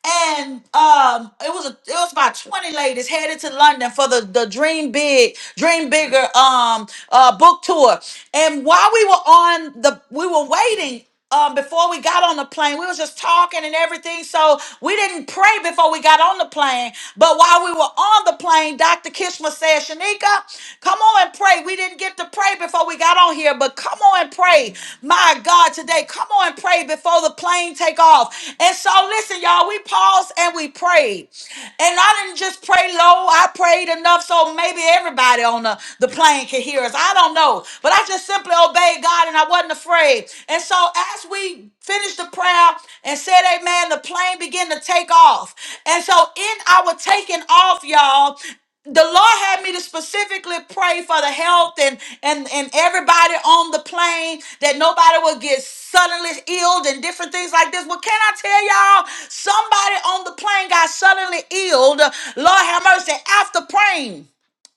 A: and um it was a, it was about 20 ladies headed to london for the the dream big dream bigger um uh book tour and while we were on the we were waiting um, before we got on the plane. We was just talking and everything, so we didn't pray before we got on the plane. But while we were on the plane, Dr. Kishma said, Shanika, come on and pray. We didn't get to pray before we got on here, but come on and pray. My God, today, come on and pray before the plane take off. And so listen, y'all, we paused and we prayed. And I didn't just pray low. I prayed enough so maybe everybody on the, the plane could hear us. I don't know. But I just simply obeyed God and I wasn't afraid. And so as we finished the prayer and said amen, the plane began to take off. And so in our taking off, y'all, the Lord had me to specifically pray for the health and and and everybody on the plane that nobody would get suddenly ill and different things like this. Well, can I tell y'all? Somebody on the plane got suddenly ill. Lord have mercy after praying.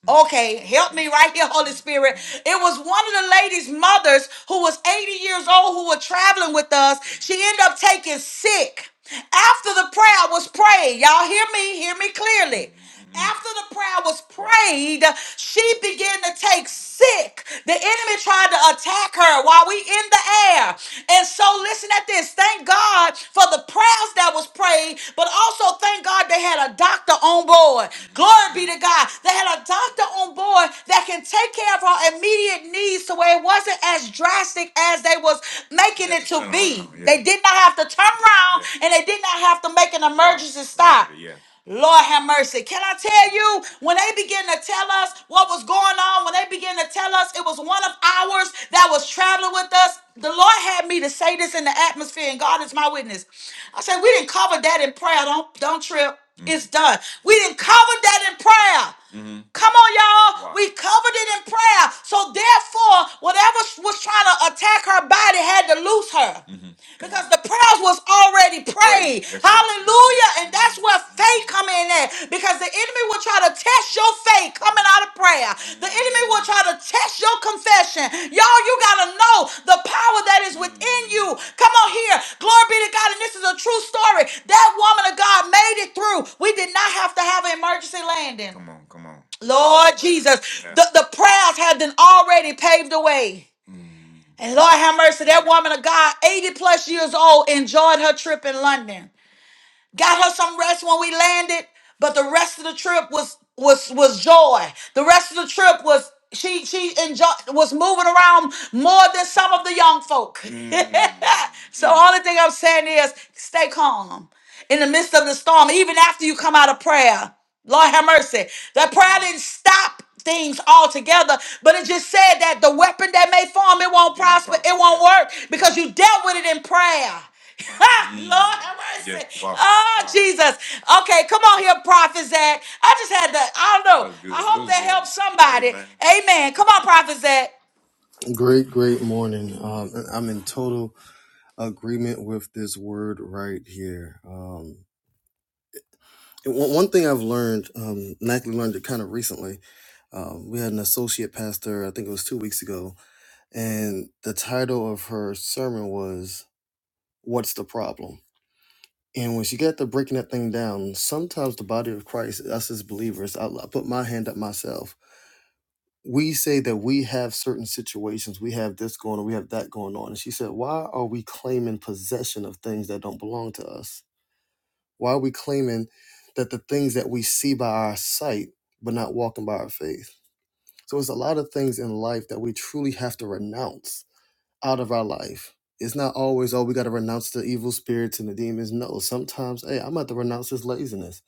A: Okay, help me right here, Holy Spirit. It was one of the ladies' mothers who was 80 years old who were traveling with us. She ended up taking sick. After the prayer was prayed, y'all hear me, hear me clearly. After the prayer was prayed, she began to take sick. The enemy tried to attack her while we in the air. And so listen at this says, Thank God for the prayers that was prayed, but also thank God they had a doctor on board. Glory be to God. They had a doctor on board that can take care of her immediate needs to where it wasn't as drastic as they was making it to be. They did not have to turn around and they did not have to make an emergency stop. Lord have mercy. Can I tell you, when they begin to tell us what was going on, when they begin to tell us it was one of ours that was traveling with us, the Lord had me to say this in the atmosphere, and God is my witness. I said, we didn't cover that in prayer. Don't don't trip. Mhm. It's done. We didn't cover that in prayer. Mhm. Come on, y'all. Wow. We covered it in prayer. So therefore, whatever was trying to attack her body had to loose her. Mhm because the prayers was already prayed. Right. That's it. Hallelujah. And that's where faith come in at because the enemy will try to test your faith coming out of prayer. The enemy will try to test your confession. Y'all, you got to know the power that is within you. Come on here. Glory be to God. And this is a true story. That woman of God made it through. We did not have to have an emergency landing. Come come on, come on, Lord Jesus, Yeah. the, the prayers had been already paved the way. And Lord have mercy, that woman of God, 80 plus years old, enjoyed her trip in London. Got her some rest when we landed, but the rest of the trip was was was joy. The rest of the trip was she she enjoyed was moving around more than some of the young folk. Mm. so only thing I'm saying is stay calm in the midst of the storm, even after you come out of prayer. Lord have mercy. That prayer didn't stop things altogether, but it just said that the weapon that may form, it won't prosper, it won't work because you dealt with it in prayer. Lord have mercy. Yes, wow. Oh, Jesus. Okay, come on here, Prophet Zach. I just had to, I don't know. I hope that helps somebody. Amen. Come on, Prophet Zach.
F: Great, great morning. Um, and I'm in total agreement with this word right here. Um, and one, one thing I've learned, um, and I actually learned it kind of recently, um, we had an associate pastor, I think it was two weeks ago, and the title of her sermon was "What's the Problem." And when she got to breaking that thing down, sometimes the body of Christ, us as believers, I, I put my hand up myself we say that we have certain situations, we have this going on, we have that going on. And she said, Why are we claiming possession of things that don't belong to us? Why are we claiming that the things that we see by our sight, but not walking by our faith? So it's a lot of things in life that we truly have to renounce out of our life. It's not always, oh, we got to renounce the evil spirits and the demons. No, sometimes, hey, I'm at to renounce this laziness.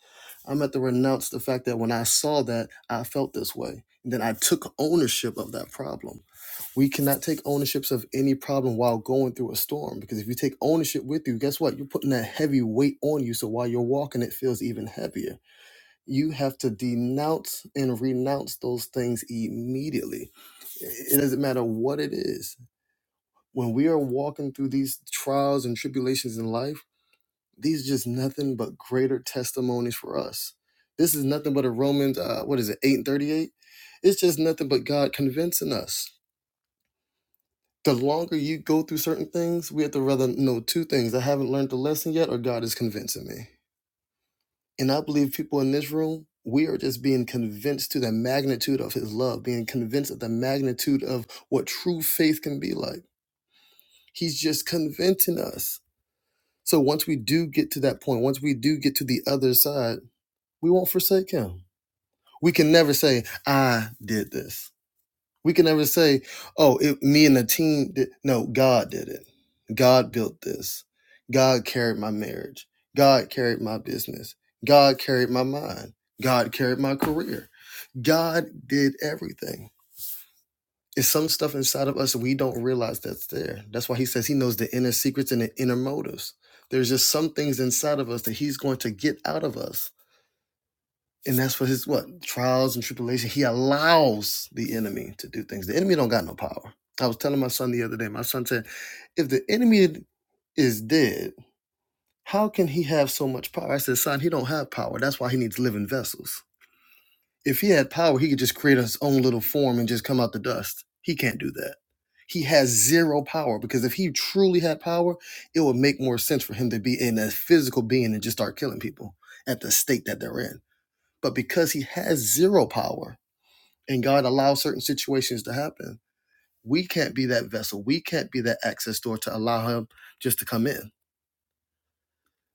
F: I'm at to renounce the fact that when I saw that, I felt this way. then I took ownership of that problem we cannot take ownerships of any problem while going through a storm because if you take ownership with you, guess what? You're putting that heavy weight on you. So while you're walking, it feels even heavier. You have to denounce and renounce those things immediately. It doesn't matter what it is. When we are walking through these trials and tribulations in life, these are just nothing but greater testimonies for us. This is nothing but a Romans, uh, what is it, 8 and 38? It's just nothing but God convincing us the longer you go through certain things, we have to rather know two things. I haven't learned the lesson yet, or God is convincing me. And I believe people in this room, we are just being convinced to the magnitude of his love, being convinced of the magnitude of what true faith can be like. He's just convincing us. So once we do get to that point, once we do get to the other side, we won't forsake him. We can never say, I did this. We can never say, "Oh, it, me and the team did." No, God did it. God built this. God carried my marriage. God carried my business. God carried my mind. God carried my career. God did everything. It's some stuff inside of us that we don't realize that's there. That's why he says he knows the inner secrets and the inner motives. There's just some things inside of us that he's going to get out of us and that's for his what trials and tribulation. He allows the enemy to do things. The enemy don't got no power. I was telling my son the other day. My son said, "If the enemy is dead, how can he have so much power?" I said, "Son, he don't have power. That's why he needs living vessels. If he had power, he could just create his own little form and just come out the dust. He can't do that." He has zero power because if he truly had power, it would make more sense for him to be in a physical being and just start killing people at the state that they're in. But because he has zero power and God allows certain situations to happen, we can't be that vessel. We can't be that access door to allow him just to come in.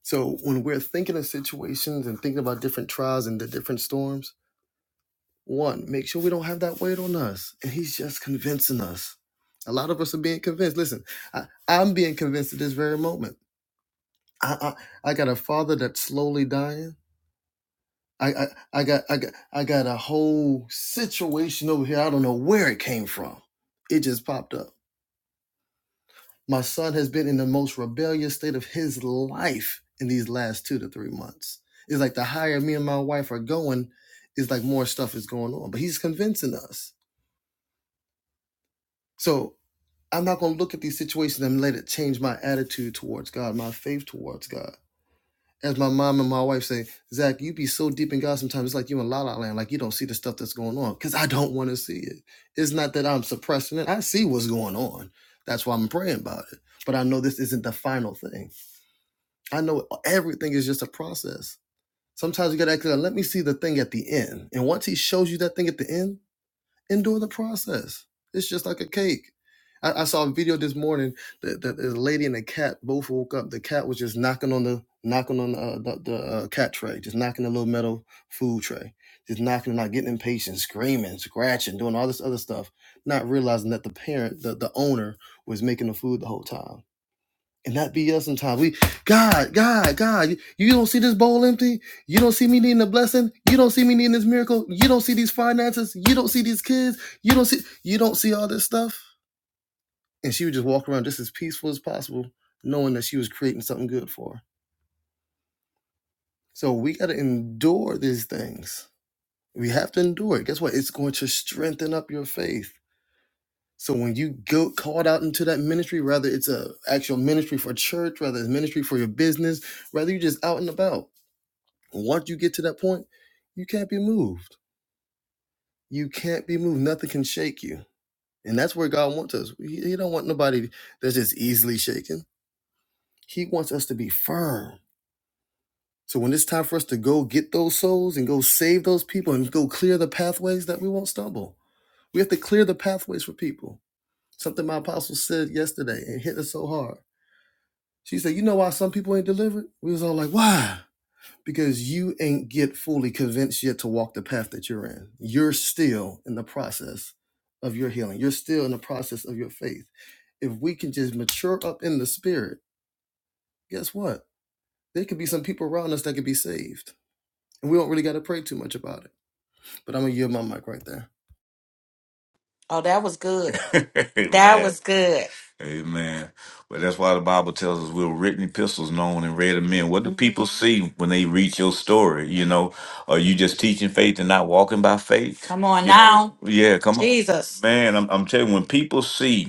F: So when we're thinking of situations and thinking about different trials and the different storms, one, make sure we don't have that weight on us. And he's just convincing us. A lot of us are being convinced. Listen, I, I'm being convinced at this very moment. I, I, I got a father that's slowly dying I, I I got I got I got a whole situation over here. I don't know where it came from. It just popped up. My son has been in the most rebellious state of his life in these last two to three months. It's like the higher me and my wife are going, it's like more stuff is going on. But he's convincing us. So I'm not gonna look at these situations and let it change my attitude towards God, my faith towards God. as my mom and my wife say, Zach, you be so deep in God sometimes. It's like you in La La Land, like you don't see the stuff that's going on because I don't want to see it. It's not that I'm suppressing it. I see what's going on. That's why I'm praying about it. But I know this isn't the final thing. I know everything is just a process. Sometimes you got to act like, let me see the thing at the end. And once he shows you that thing at the end, Endure the process. It's just like a cake. I, I saw a video this morning that, that this lady and the cat both woke up. The cat was just knocking on the knocking on the uh, the, the uh, cat tray, just knocking the little metal food tray, just knocking, not getting impatient, screaming, scratching, doing all this other stuff, not realizing that the parent, the, the owner, was making the food the whole time and that be us sometimes. We God, God, God. You, you don't see this bowl empty. You don't see me needing a blessing. You don't see me needing this miracle. You don't see these finances. You don't see these kids. You don't see you don't see all this stuff. And she would just walk around just as peaceful as possible, knowing that she was creating something good for her. So we gotta endure these things. We have to endure it. Guess what? It's going to strengthen up your faith. So when you go called out into that ministry, whether it's a actual ministry for church, whether it's ministry for your business, whether you're just out and about Once you get to that point, you can't be moved. You can't be moved. Nothing can shake you. And that's where God wants us. He, he don't want nobody that's just easily shaken. He wants us to be firm. So when it's time for us to go get those souls and go save those people and go clear the pathways that we won't stumble. We have to clear the pathways for people. Something my apostle said yesterday and hit us so hard. She said, You know why some people ain't delivered? We was all like, Why? because you ain't get fully convinced yet to walk the path that you're in. You're still in the process of your healing. You're still in the process of your faith. If we can just mature up in the spirit, guess what? There could be some people around us that could be saved. And we don't really got to pray too much about it. But I'm going to yield my mic right there.
A: Oh, that was good. That Amen. was good. Amen. But that's why the Bible tells us we're written epistles known and read of men. What do people Mhm. see when they read your story? You know, are you just teaching faith and not walking by faith? Come on You know, now. yeah, come on. Jesus. Man, I'm, I'm telling you, when people see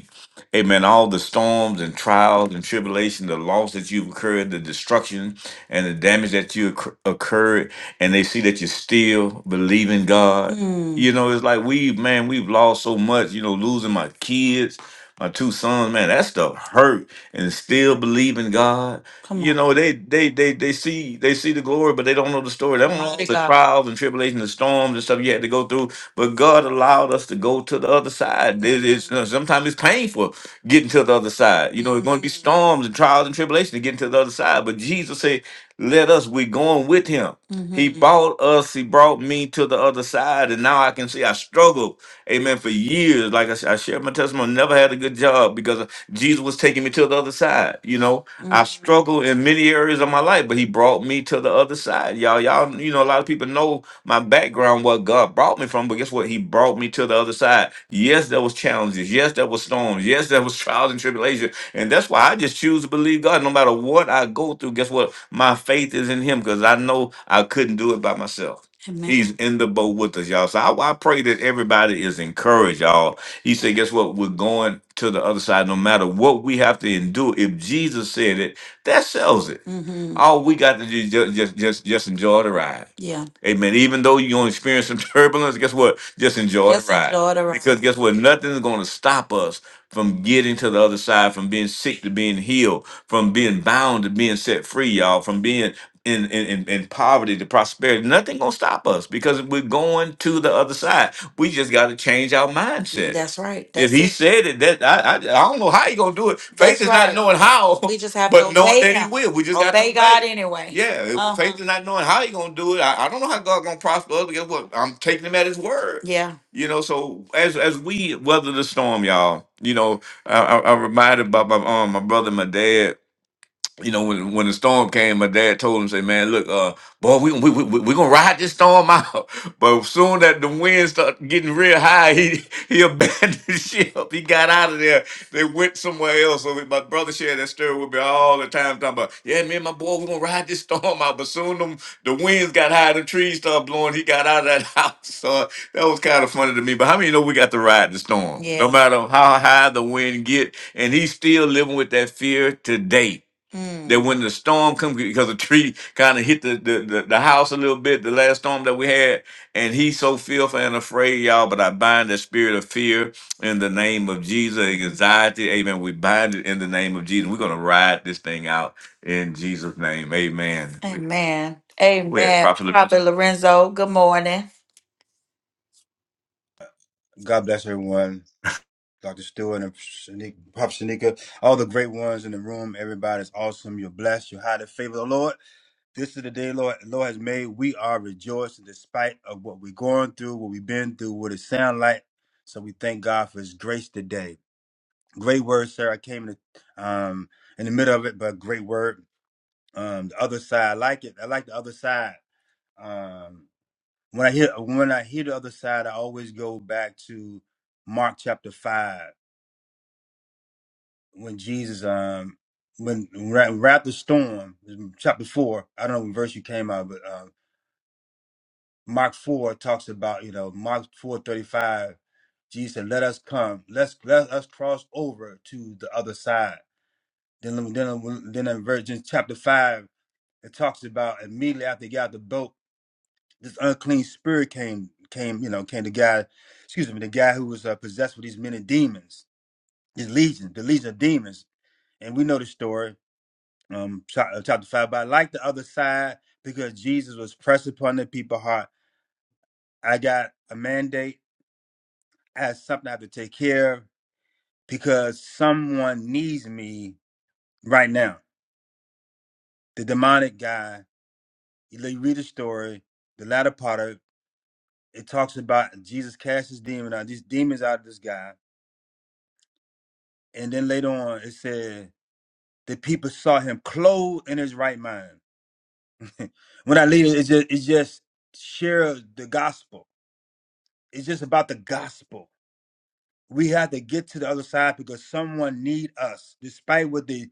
A: Amen. All the storms and trials and tribulation, the loss that you've incurred, the destruction and the damage that you occur- occurred, and they see that you still believe in God. Mm. You know, it's like we, man, we've lost so much. You know, losing my kids, my two sons, man, that stuff hurt, and still believe in God. Come You on. know, they they they they see they see the glory, but they don't know the story. They don't know Mighty the God. trials and tribulations, the storms and stuff you had to go through, but God allowed us to go to the other side. It is sometimes it's painful getting to the other side. You know, it's going to be hmm storms and trials and tribulations to get to the other side. But Jesus said, "Let us. We're going with Him." He Mm-hmm. bought us. He brought me to the other side, and now I can see I struggled, amen, for years. Like I, s- I shared my testimony, never had a good job because Jesus was taking me to the other side. You know, I Mm. struggled in many areas of my life, but he brought me to the other side. Y'all, y'all, you know, a lot of people know my background, what God brought me from, but guess what? He brought me to the other side. Yes, there was challenges. Yes, there was storms. Yes, there was trials and tribulations. And that's why I just choose to believe God. No matter what I go through, guess what? My faith is in him because I know I couldn't do it by myself. Amen. He's in the boat with us, y'all. So I, I pray that everybody is encouraged, y'all. He said, guess what? We're going to the other side no matter what we have to endure. If Jesus said it, that sells it. Mm-hmm. All we got to do is just just just, just enjoy the ride. Yeah. Amen. Even though you're gonna experience some turbulence, guess what? Just enjoy the Just ride. enjoy the ride. Because guess what? Nothing's gonna stop us from getting to the other side, from being sick to being healed, from being bound to being set free, y'all, from being in in, in, in poverty to prosperity. Nothing gonna stop us because we're going going to the other side. We just got to change our mindset. That's right. If That's he it. said it, that I, I I don't know how he gonna do it. Faith That's is not right. knowing how, We just have to but knowing obey that he him. will. We just got to Obey God obey. anyway. Yeah, if Uh huh. faith is not knowing how he gonna do it. I, I don't know how God gonna prosper us. but Guess what? I'm taking him at his word. Yeah. You know, so as as we weather the storm, y'all. You know, I, I, I'm reminded about my um my brother, and my dad you know, when when the storm came, my dad told him, "Say, man, look, uh, boy, we we we we gonna ride this storm out." But soon that the wind started getting real high, he he abandoned ship. He got out of there. They went somewhere else. So my brother shared that story with me all the time, talking about, "Yeah, me and my boy, we gonna ride this storm out." But soon them the winds got high, the trees started blowing. He got out of that house. So that was kind of funny to me. But how many know we got to ride the storm, no Yes. matter how high the wind get, and he's still living with that fear today Mm. that when the storm come because the tree kind of hit the, the, the, the house a little bit the last storm that we had and he's so fearful and afraid y'all but i bind the spirit of fear in the name of jesus anxiety amen we bind it in the name of jesus we're going to ride this thing out in jesus name amen Amen. we had Amen. prophet Lorenzo. Prophet Lorenzo, good morning.
G: God bless everyone. Dr. Stewart and Shanika, Pop Shanika, all the great ones in the room. Everybody's awesome. You're blessed. You're highly favored. of The Lord, this is the day Lord the Lord has made. We are rejoicing despite of what we're going through, what we've been through, what it sounds like. So we thank God for His grace today. Great word, sir. I came in the um in the middle of it, but great word. Um, the other side, I like it. I like the other side. Um, when I hear when I hear the other side, I always go back to Mark chapter 5. when Jesus um when Ra- Wrath the Storm chapter four I don't know what verse you came out but um, Mark four talks about you know Mark four thirty five Jesus said let us come let's let us cross over to the other side then then then in Virgin chapter five it talks about immediately after they got out the boat this unclean spirit came came you know came the guy excuse me the guy who was uh, possessed with these many demons these legions the legion of demons and we know the story um chapter five. But I like the other side because Jesus was pressed upon the people's heart. I got a mandate. I have something I have to take care of because someone needs me right now. The demonic guy. You read the story, the latter part of it. It talks about Jesus cast his demon out, these demons out of this guy, and then later on it said the people saw him clothed in his right mind. when I leave, it, it's just it's just share the gospel It's just about the gospel. We have to get to the other side because someone need us, despite what they.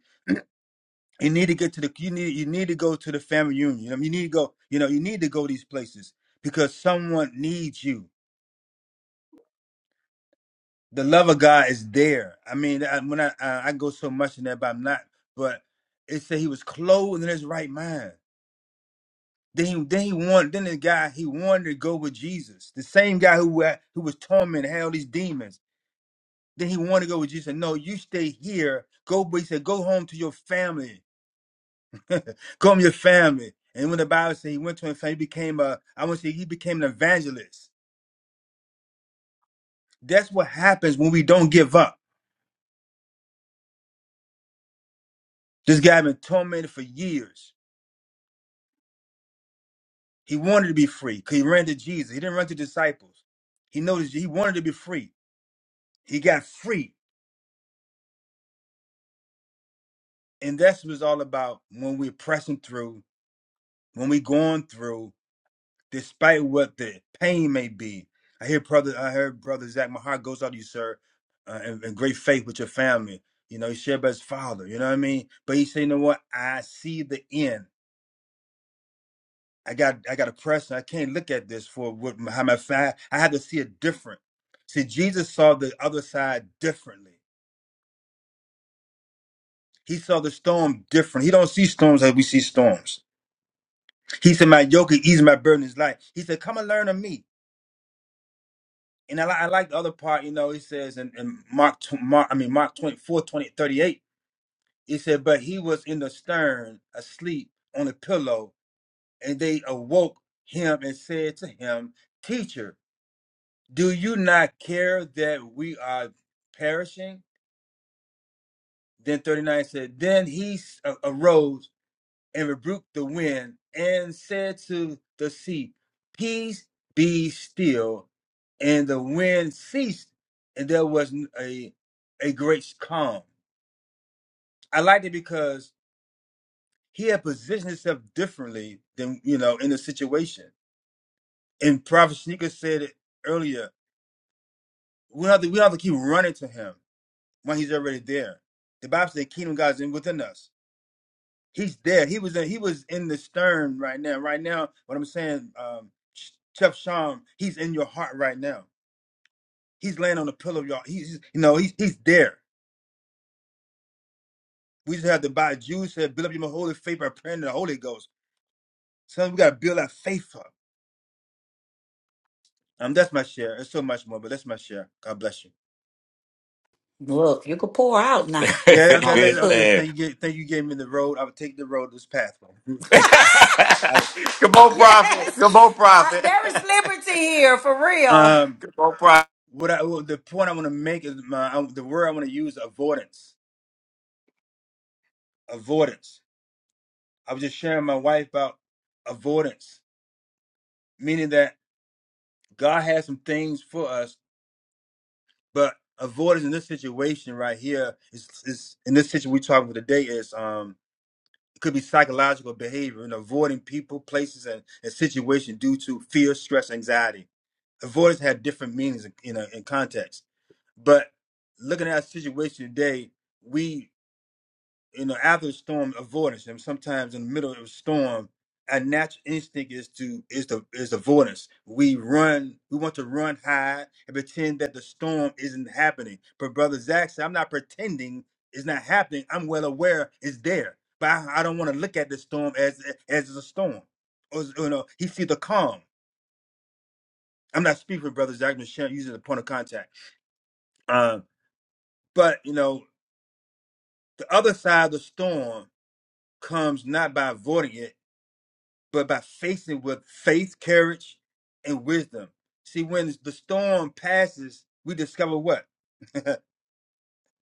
G: You need to get to the. You need. You need to go to the family union. You need to go. You know. You need to go these places because someone needs you. The love of God is there. I mean, I, when I, I I go so much in that, but I'm not. But it said he was clothed in his right mind. Then he, then he wanted. Then the guy he wanted to go with Jesus, the same guy who had- who was tormented, had all these demons. Then he wanted to go with Jesus. And No, you stay here. Go, but he said, go home to your family. Go home to your family. And when the Bible said he went to his family, he became a, I want to say he became an evangelist. That's what happens when we don't give up. This guy had been tormented for years. He wanted to be free because he ran to Jesus. He didn't run to disciples. He noticed he wanted to be free. He got free. And that's what it's all about when we're pressing through, when we're going through. despite what the pain may be. I hear brother, I heard brother Zach. My heart goes out to you, sir, uh, and, and great faith with your family. You know, he shared by his father. You know what I mean? But he said, you know what? I see the end. I got, I got a press. I can't look at this for what how my fa- I had to see it different. See, Jesus saw the other side differently. He saw the storm different. He don't see storms like we see storms. He said, "My yoke is easy, my burden is light." He said, "Come and learn of me." And I, li- I like the other part, you know, he says in, in Mark, tw- Mark, I mean, Mark 24, twenty, thirty-eight, he said, but he was in the stern, asleep on a pillow, and they awoke him and said to him, teacher, do you not care that we are perishing? Then 39 said, then he s- a- arose and rebuked the wind and said to the sea, Peace be still. And the wind ceased, and there was a a great calm. I liked it because he had positioned himself differently than, you know, in the situation. And Prophet Sneaker said it earlier. We don't have to, we don't have to keep running to him when he's already there. The Bible says the kingdom of God is in within us. he's there. He was in, he was in the stern right now. Right now, what I'm saying, um, Ch- Chef Sham, he's in your heart right now. He's laying on the pillow, y'all. He's you know he's he's there. We just have to buy Jews said build up your holy faith by praying to the Holy Ghost. So we gotta build our faith up. Um, that's my share. There's so much more, but that's my share. God bless you.
A: Look, you can pour out now.
G: Yeah,
A: It's all
G: okay, later. Okay, so
A: good.
G: thank you. ga- Thank you. Gave me the road. I would take the road this pathway. I,
A: Come on, prophet. Yes, Come on, prophet. there is liberty here for real.
G: um,
A: Come on,
G: what I well, the point I want to make is my I, the word I want to use avoidance. Avoidance I was just sharing my wife about avoidance, meaning that God has some things for us, but avoidance in this situation right here is, is in this situation we're talking about today is um it could be psychological behavior and avoiding people, places, and, and situations due to fear, stress, anxiety. Avoidance had different meanings in, in, in context, but looking at our situation today, we you know, after the storm, avoidance. And sometimes in the middle of a storm, our natural instinct is to is the is avoidance. We run. We want to run, hide, and pretend that the storm isn't happening. But brother Zach said, "I'm not pretending it's not happening. I'm well aware it's there, but I, I don't want to look at the storm as as a storm. Or you know, he see the calm. I'm not speaking for brother Zach. I'm just sharing- using the point of contact. Um, but you know, the other side of the storm comes not by avoiding it." but by facing it with faith, courage, and wisdom. See, when the storm passes, we discover what I,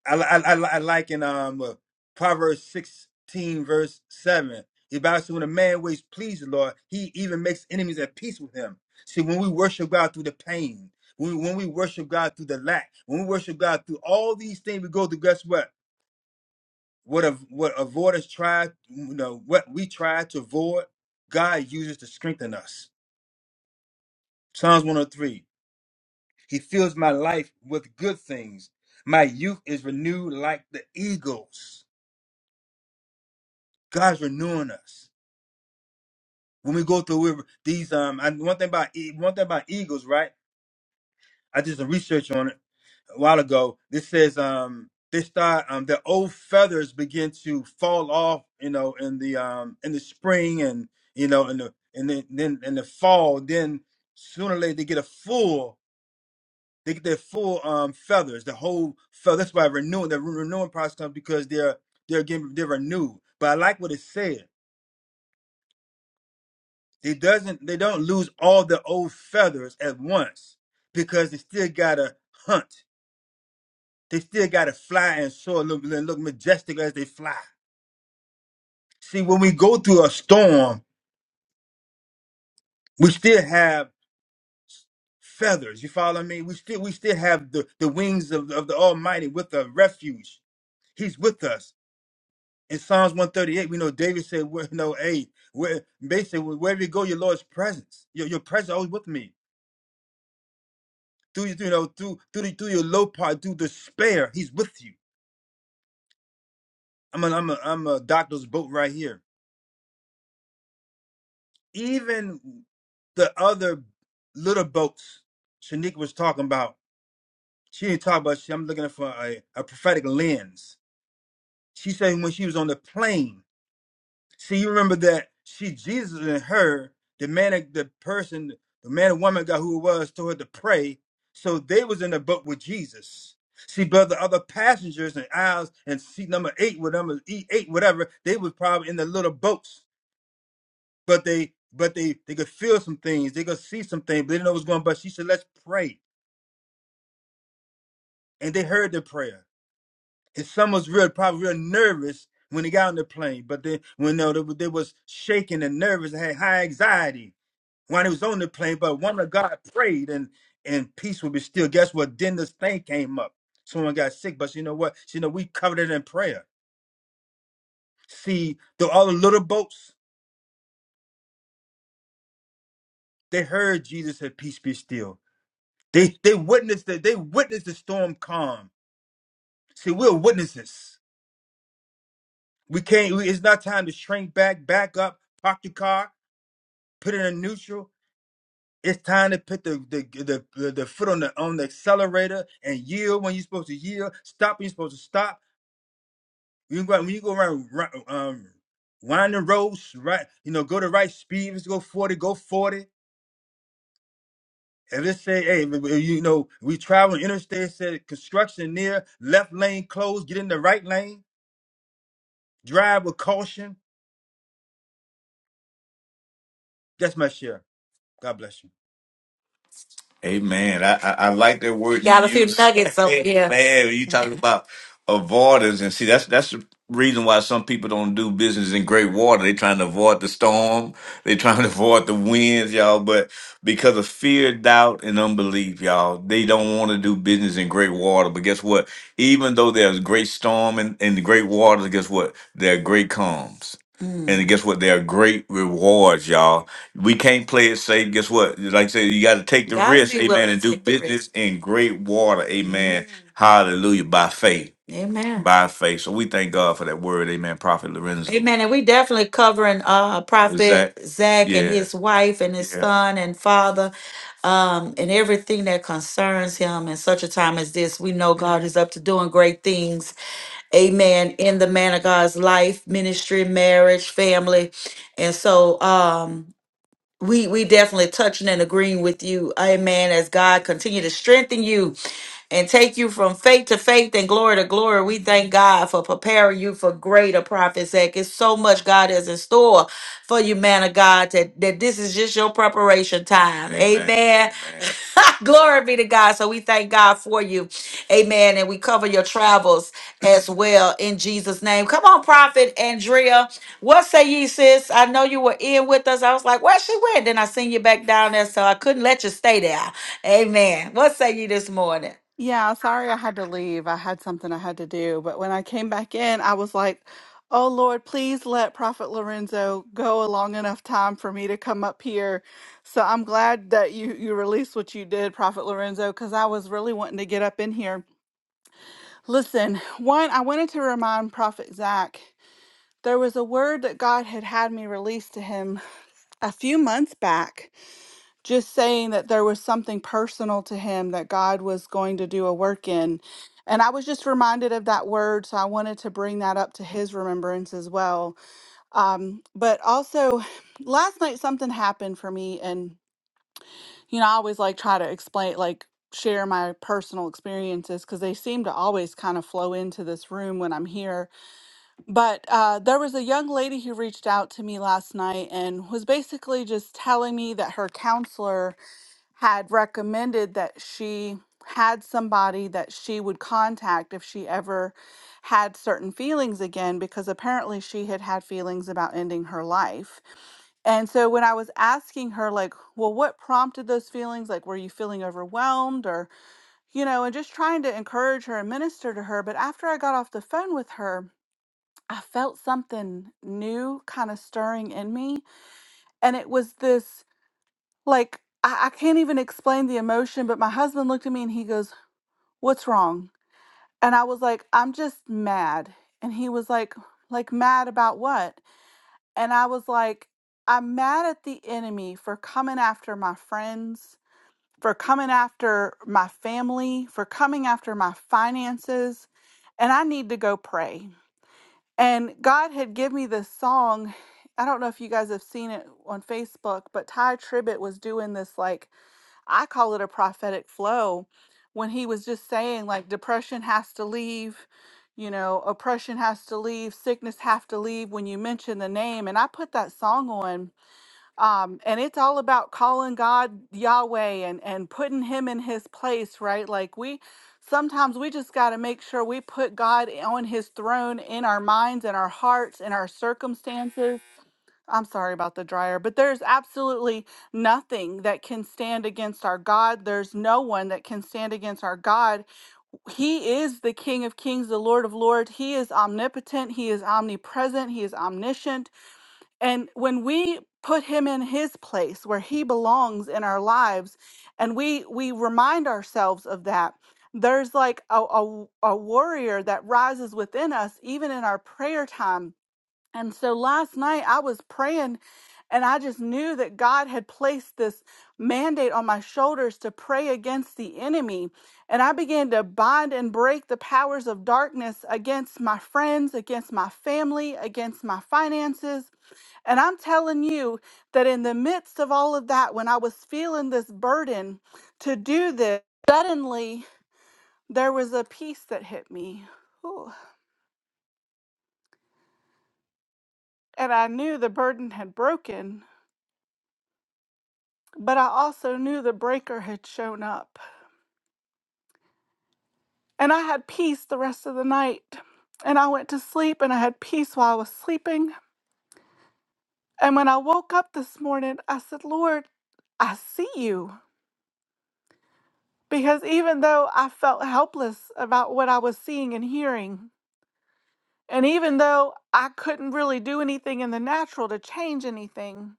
G: I, I, I like in um uh, Proverbs sixteen verse seven. The Bible says, "When a man ways please the Lord, he even makes enemies at peace with him." See, when we worship God through the pain, when, when we worship God through the lack, when we worship God through all these things, we go through. Guess what? What a, what avoiders try, you know, what we try to avoid, God uses to strengthen us. Psalms 103. He fills my life with good things. My youth is renewed like the eagles. God's renewing us. When we go through these um, and one thing about e- one thing about eagles, right? I did some research on it a while ago. This says um, they start um, their old feathers begin to fall off, you know, in the um, in the spring and you know, in the and then then in the fall. Then sooner or later they get a full They get their full um feathers, the whole feather. That's why renewing the re- renewing process comes because they're they're getting they're renewed. But I like what it said. It doesn't they don't lose all the old feathers at once because they still gotta hunt. They still gotta fly and soar and look, and look majestic as they fly. See, when we go through a storm, we still have feathers. You follow me? We still we still have the, the wings of, of the Almighty with a refuge. He's with us. in Psalms 138, we know David said, where, no, hey, where basically wherever you go, your Lord's presence, your, your presence always with me. Through you, you know, through through the, through your low part, through despair, he's with you. I'm a, I'm a, I'm a doctor's boat right here. Even the other little boats Shanique was talking about, she didn't talk about, she, I'm looking for a, a prophetic lens. She said when she was on the plane, See, you remember that she, Jesus, and her, the man, the person, the man and woman God who it was told her to pray. So they was in the boat with Jesus. See, but the other passengers and aisles and seat number eight, whatever, E eight, whatever, they was probably in the little boats. But they, but they, they could feel some things. They could see some things. But they didn't know what was going. on. But she said, "Let's pray," and they heard the prayer. And some was real, probably real nervous when they got on the plane. But then, when no, they, they was shaking and nervous, and had high anxiety while he was on the plane, but one of God prayed and and peace would be still. Guess what? Then this thing came up. Someone got sick, but you know what? You know, we covered it in prayer. See, the all the little boats, they heard Jesus said, Peace be still. They they witnessed that they witnessed the storm calm. See, we're witnesses. We can't we, it's not time to shrink back, back up, park the car, put it in neutral. It's time to put the the the, the foot on the on the accelerator and yield when you're supposed to yield, stop when you're supposed to stop When You go when you go around ri- um winding roads, right? You know, go the right speed. Let's go forty. Go forty. And let's say, hey, w- w- you know, we travel on interstate. it Said construction near left lane closed. Get in the right lane. Drive with caution. That's my share. God bless you.
A: Amen. I, I, I like that word you Got a few use. nuggets over here. Man, you talking about avoidance and see that's that's the reason why some people don't do business in great water. they trying to avoid the storm. they trying to avoid the winds, y'all. But because of fear, doubt, and unbelief, y'all, they don't want to do business in great water. But guess what? Even though there's great storm and, and great waters, guess what? There are great calms. Mm. And guess what? They're great rewards, y'all. We can't play it safe. Guess what? Like I said, you got to take the Gotta risk, be amen, willing and to do take the risk. business risk. in great water, amen. Amen. Hallelujah, by faith, Amen. by faith. So we thank God for that word, amen. Prophet Lorenzo, Amen. And we definitely covering uh Prophet Zach Zach and yeah, his wife and his yeah, son and father um and everything that concerns him in such a time as this. We know yeah. God is up to doing great things amen, in the man of God's life, ministry, marriage, family. And so, um, we we definitely touching and agreeing with you amen as god continue to strengthen you and take you from faith to faith and glory to glory we thank god for preparing you for greater prophet's act it's so much god is in store for you man of god that, that this is just your preparation time amen, amen. Amen. glory be to god so we thank god for you amen and we cover your travels as well in jesus name come on prophet andrea what say ye, sis? I know you were in with us. I was like, where she went? Then I seen you back down there, so I couldn't let you stay there. Amen. What say ye this morning?
H: Yeah, sorry I had to leave. I had something I had to do. But when I came back in, I was like, oh Lord, please let Prophet Lorenzo go a long enough time for me to come up here. So I'm glad that you, you released what you did, Prophet Lorenzo, because I was really wanting to get up in here. Listen, one, I wanted to remind Prophet Zach there was a word that God had had me release to him a few months back just saying that there was something personal to him that God was going to do a work in. And I was just reminded of that word, so I wanted to bring that up to his remembrance as well. Um, but also, last night something happened for me, and you know, I always like try to explain, like share my personal experiences because they seem to always kind of flow into this room when I'm here. But uh, there was a young lady who reached out to me last night and was basically just telling me that her counselor had recommended that she had somebody that she would contact if she ever had certain feelings again, because apparently she had had feelings about ending her life. And so when I was asking her, like, well, what prompted those feelings? Like, were you feeling overwhelmed or, you know, and just trying to encourage her and minister to her. But after I got off the phone with her, I felt something new kind of stirring in me. And it was this like I, I can't even explain the emotion but my husband looked at me and he goes what's wrong and i was like i'm just mad and he was like like mad about what and i was like i'm mad at the enemy for coming after my friends for coming after my family for coming after my finances and i need to go pray and god had given me this song i don't know if you guys have seen it on facebook but ty tribbett was doing this like I call it a prophetic flow when he was just saying like depression has to leave, you know, oppression has to leave, sickness have to leave when you mention the name. And I put that song on. Um, and it's all about calling God Yahweh and, and putting him in his place, right? Like we sometimes we just gotta make sure we put God on his throne in our minds and our hearts and our circumstances I'm sorry about the dryer, but there's absolutely nothing that can stand against our God. There's no one that can stand against our God. He is the King of Kings, the Lord of Lords. He is omnipotent, He is omnipresent, He is omniscient. And when we put him in his place where he belongs in our lives and we we remind ourselves of that there's like a, a, a warrior that rises within us even in our prayer time and so last night I was praying and I just knew that God had placed this mandate on my shoulders to pray against the enemy. And I began to bind and break the powers of darkness against my friends, against my family, against my finances. And I'm telling you that in the midst of all of that, when I was feeling this burden to do this, suddenly there was a peace that hit me. Ooh. And I knew the burden had broken But I also knew the breaker had shown up. And I had peace the rest of the night. And I went to sleep and I had peace while I was sleeping. And when I woke up this morning, I said, Lord, I see you. Because even though I felt helpless about what I was seeing and hearing, and even though I couldn't really do anything in the natural to change anything,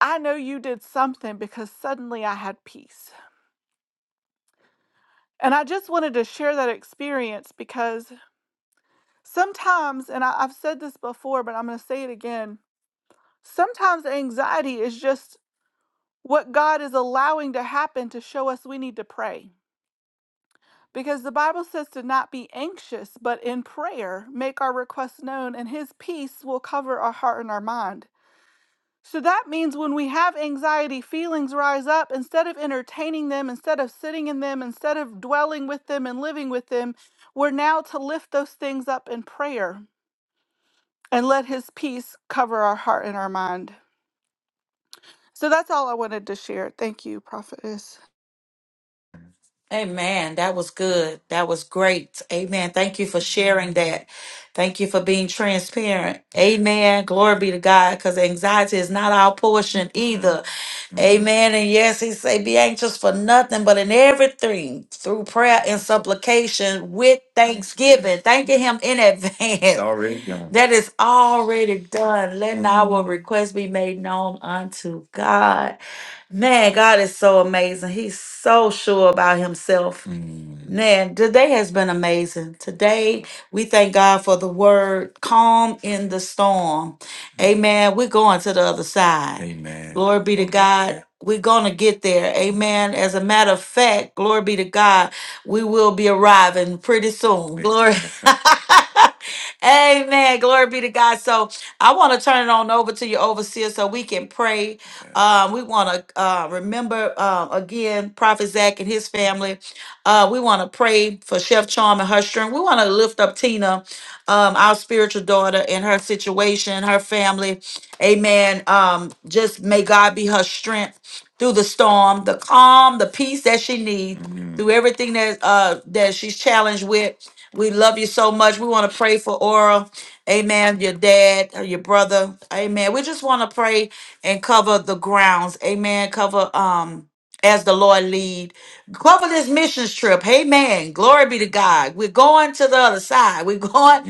H: I know you did something because suddenly I had peace. And I just wanted to share that experience because Sometimes, and I, I've said this before, but I'm going to say it again. Sometimes anxiety is just what God is allowing to happen to show us we need to pray. Because the Bible says to not be anxious, but in prayer, make our requests known, and His peace will cover our heart and our mind. So that means when we have anxiety, feelings rise up. Instead of entertaining them, instead of sitting in them, instead of dwelling with them and living with them, we're now to lift those things up in prayer. and let his peace cover our heart and our mind. So that's all I wanted to share. Thank you, prophetess.
A: Amen. That was good. That was great. Amen. Thank you for sharing that. Thank you for being transparent. Amen. Glory be to God. Because anxiety is not our portion either. Amen. And yes, he say, be anxious for nothing, but in everything through prayer and supplication with thanksgiving, thanking him in advance. Already done. That is already done. Let Mhm. our request be made known unto God. Man, God is so amazing. He's so sure about himself. Mm. Man, today has been amazing. Today, we thank God for the word calm in the storm. Amen. We're going to the other side. Amen. Glory be to God. We're going to get there. Amen. As a matter of fact, glory be to God, we will be arriving pretty soon. Glory. Amen. Glory be to God. So I want to turn it on over to your overseer so we can pray. Um, we want to uh, remember uh, again Prophet Zach and his family. Uh, we want to pray for Chef Charm and her strength. We want to lift up Tina, um, our spiritual daughter, and her situation, her family. Amen. Um, just may God be her strength through the storm, the calm, the peace that she needs, through everything that uh, that she's challenged with. We love you so much. We want to pray for Aura. Amen. Your dad or your brother. Amen. We just want to pray and cover the grounds. Amen. Cover um as the Lord lead. Cover this missions trip. Amen. Glory be to God. We're going to the other side. We're going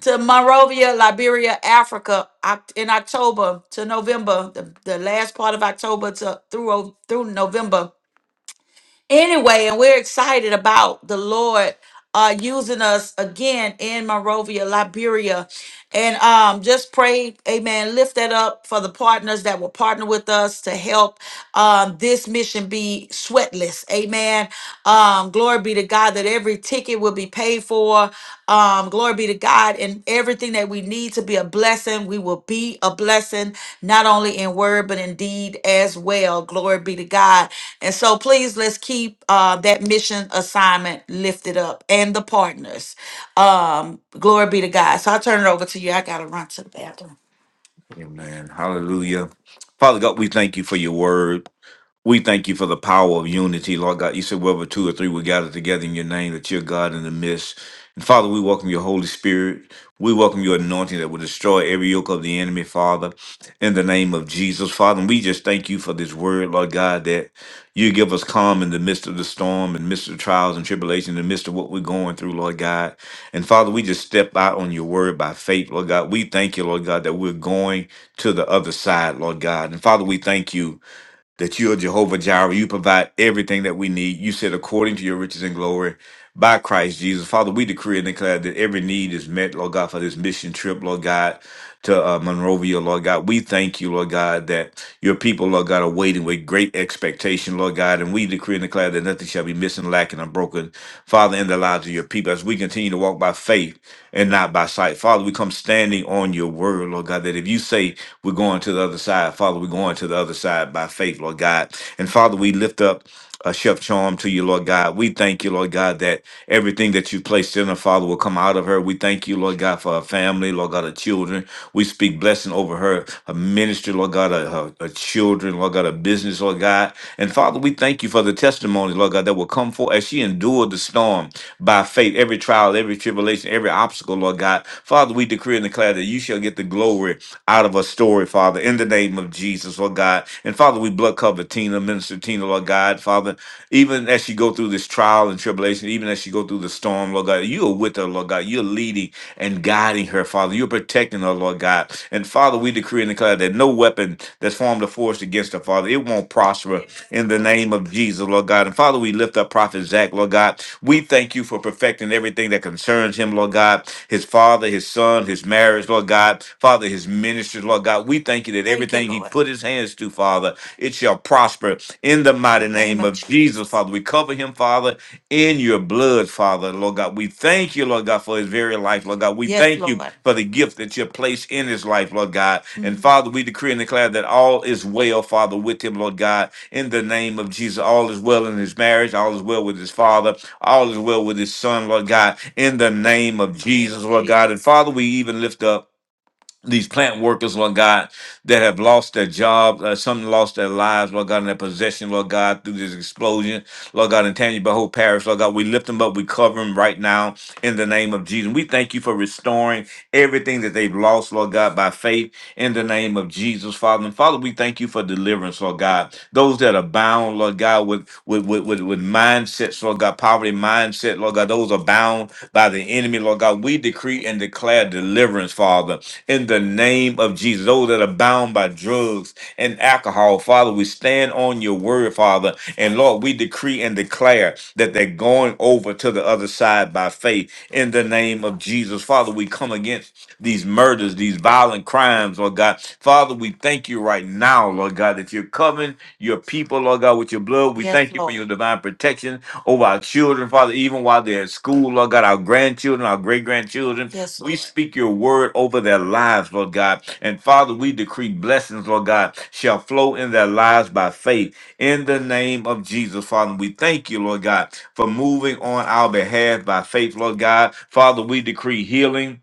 A: Mm. to Monrovia, Liberia, Africa Oct- in October to November, the, the last part of October to through through November anyway, and we're excited about the Lord uh, using us again in Monrovia, Liberia. And um, just pray, amen, lift that up for the partners that will partner with us to help um, this mission be sweatless. Amen. Um, glory be to God. God, that every ticket will be paid for. Um, glory be to God, and everything that we need to be a blessing, we will be a blessing, not only in word but in deed as well. Glory be to God. And so, please let's keep uh, that mission assignment lifted up and the partners. Um, glory be to God. So I turn it over to you. I gotta run to the bathroom. Amen. Hallelujah. Father God, we thank you for your word. We thank you for the power of unity, Lord God. You said, wherever two or three we gather together in your name, that you're God in the midst. And Father, we welcome your Holy Spirit. We welcome your anointing that will destroy every yoke of the enemy, Father, in the name of Jesus. Father, and we just thank you for this word, Lord God, that you give us calm in the midst of the storm, in the midst of trials and tribulation, in the midst of what we're going through, Lord God. And Father, we just step out on your word by faith, Lord God. We thank you, Lord God, that we're going to the other side, Lord God. And Father, we thank you that you are Jehovah Jireh. You provide everything that we need. You said, according to your riches and glory by Christ Jesus. Father, we decree and declare that every need is met, Lord God, for this mission trip, Lord God to uh, Monrovia, Lord God. We thank you, Lord God, that your people, Lord God, are waiting with great expectation, Lord God. And we decree and declare that nothing shall be missing, lacking, or broken, Father, in the lives of your people as we continue to walk by faith and not by sight. Father, we come standing on your word, Lord God, that if you say we're going to the other side, Father, we're going to the other side by faith, Lord God. And Father, we lift up a chef charm to you, Lord God. We thank you, Lord God, that everything that you've placed in her, Father, will come out of her. We thank you, Lord God, for her family, Lord God, her children. We speak blessing over her, her ministry, Lord God, her, her, her children, Lord God, her business, Lord God. And Father, we thank you for the testimonies, Lord God, that will come forth as she endured the storm by faith, every trial, every tribulation, every obstacle, Lord God. Father, we decree and declare that you shall get the glory out of a story, Father, in the name of Jesus, Lord God. And Father, we we blood cover Tina, Minister Tina, Lord God, Father. Even as she go through this trial and tribulation, even as she go through the storm, Lord God, you are with her, Lord God. You're leading and guiding her, Father. You're protecting her, Lord God. And Father, we decree and declare that no weapon that's formed or force against her, Father, it won't prosper in the name of Jesus, Lord God. And Father, we lift up Prophet Zach, Lord God. We thank you for perfecting everything that concerns him, Lord God. His father, his son, his marriage, Lord God. Father, his ministry, Lord God. We thank thank you that Thank you, everything he Lord. put his hands to, Father, it shall prosper in the mighty Name name of of Jesus. Jesus, Father. We cover him, Father, in your blood, Father, Lord God. We thank you, Lord God, for his very life, Lord God. We Yes, thank you Lord. for the gift that you placed in his life, Lord God. And Mm. Father, we decree and declare that all is well, Father, with him, Lord God, in the name of Jesus. All is well in his marriage, all is well with his father, all is well with his son, Lord God, in the name of Name Jesus, of Lord God. And Jesus. Father, we even lift up these plant workers, Lord God, that have lost their job, uh, some lost their lives, Lord God, and their possession, Lord God, through this explosion. Lord God, in Tanya behold, Parish, Lord God, we lift them up. We cover them right now in the name of Jesus. We thank you for restoring everything that they've lost, Lord God, by faith in the name of Jesus, Father. And Father, we thank you for deliverance, Lord God. Those that are bound, Lord God, with with with, with, with mindsets, Lord God, poverty mindset, Lord God, those are bound by the enemy, Lord God. We decree and declare deliverance, Father, in the name of Jesus. Those that are bound by drugs and alcohol, Father, we stand on your word, Father, and Lord, we decree and declare that they're going over to the other side by faith in the name of Jesus. Father, we come against these murders, these violent crimes, Lord God. Father, we thank you right now, Lord God, that you're covering your people, Lord God, with your blood. We Yes, thank you for Lord. your divine protection over our children, Father, even while they're at school, Lord God, our grandchildren, our great grandchildren. Yes, We Lord. speak your word over their lives, Lord God. And Father, we decree blessings, Lord God, shall flow in their lives by faith in the name of Jesus, Father, we thank you, Lord God, for moving on our behalf by faith, Lord God. Father, we decree healing.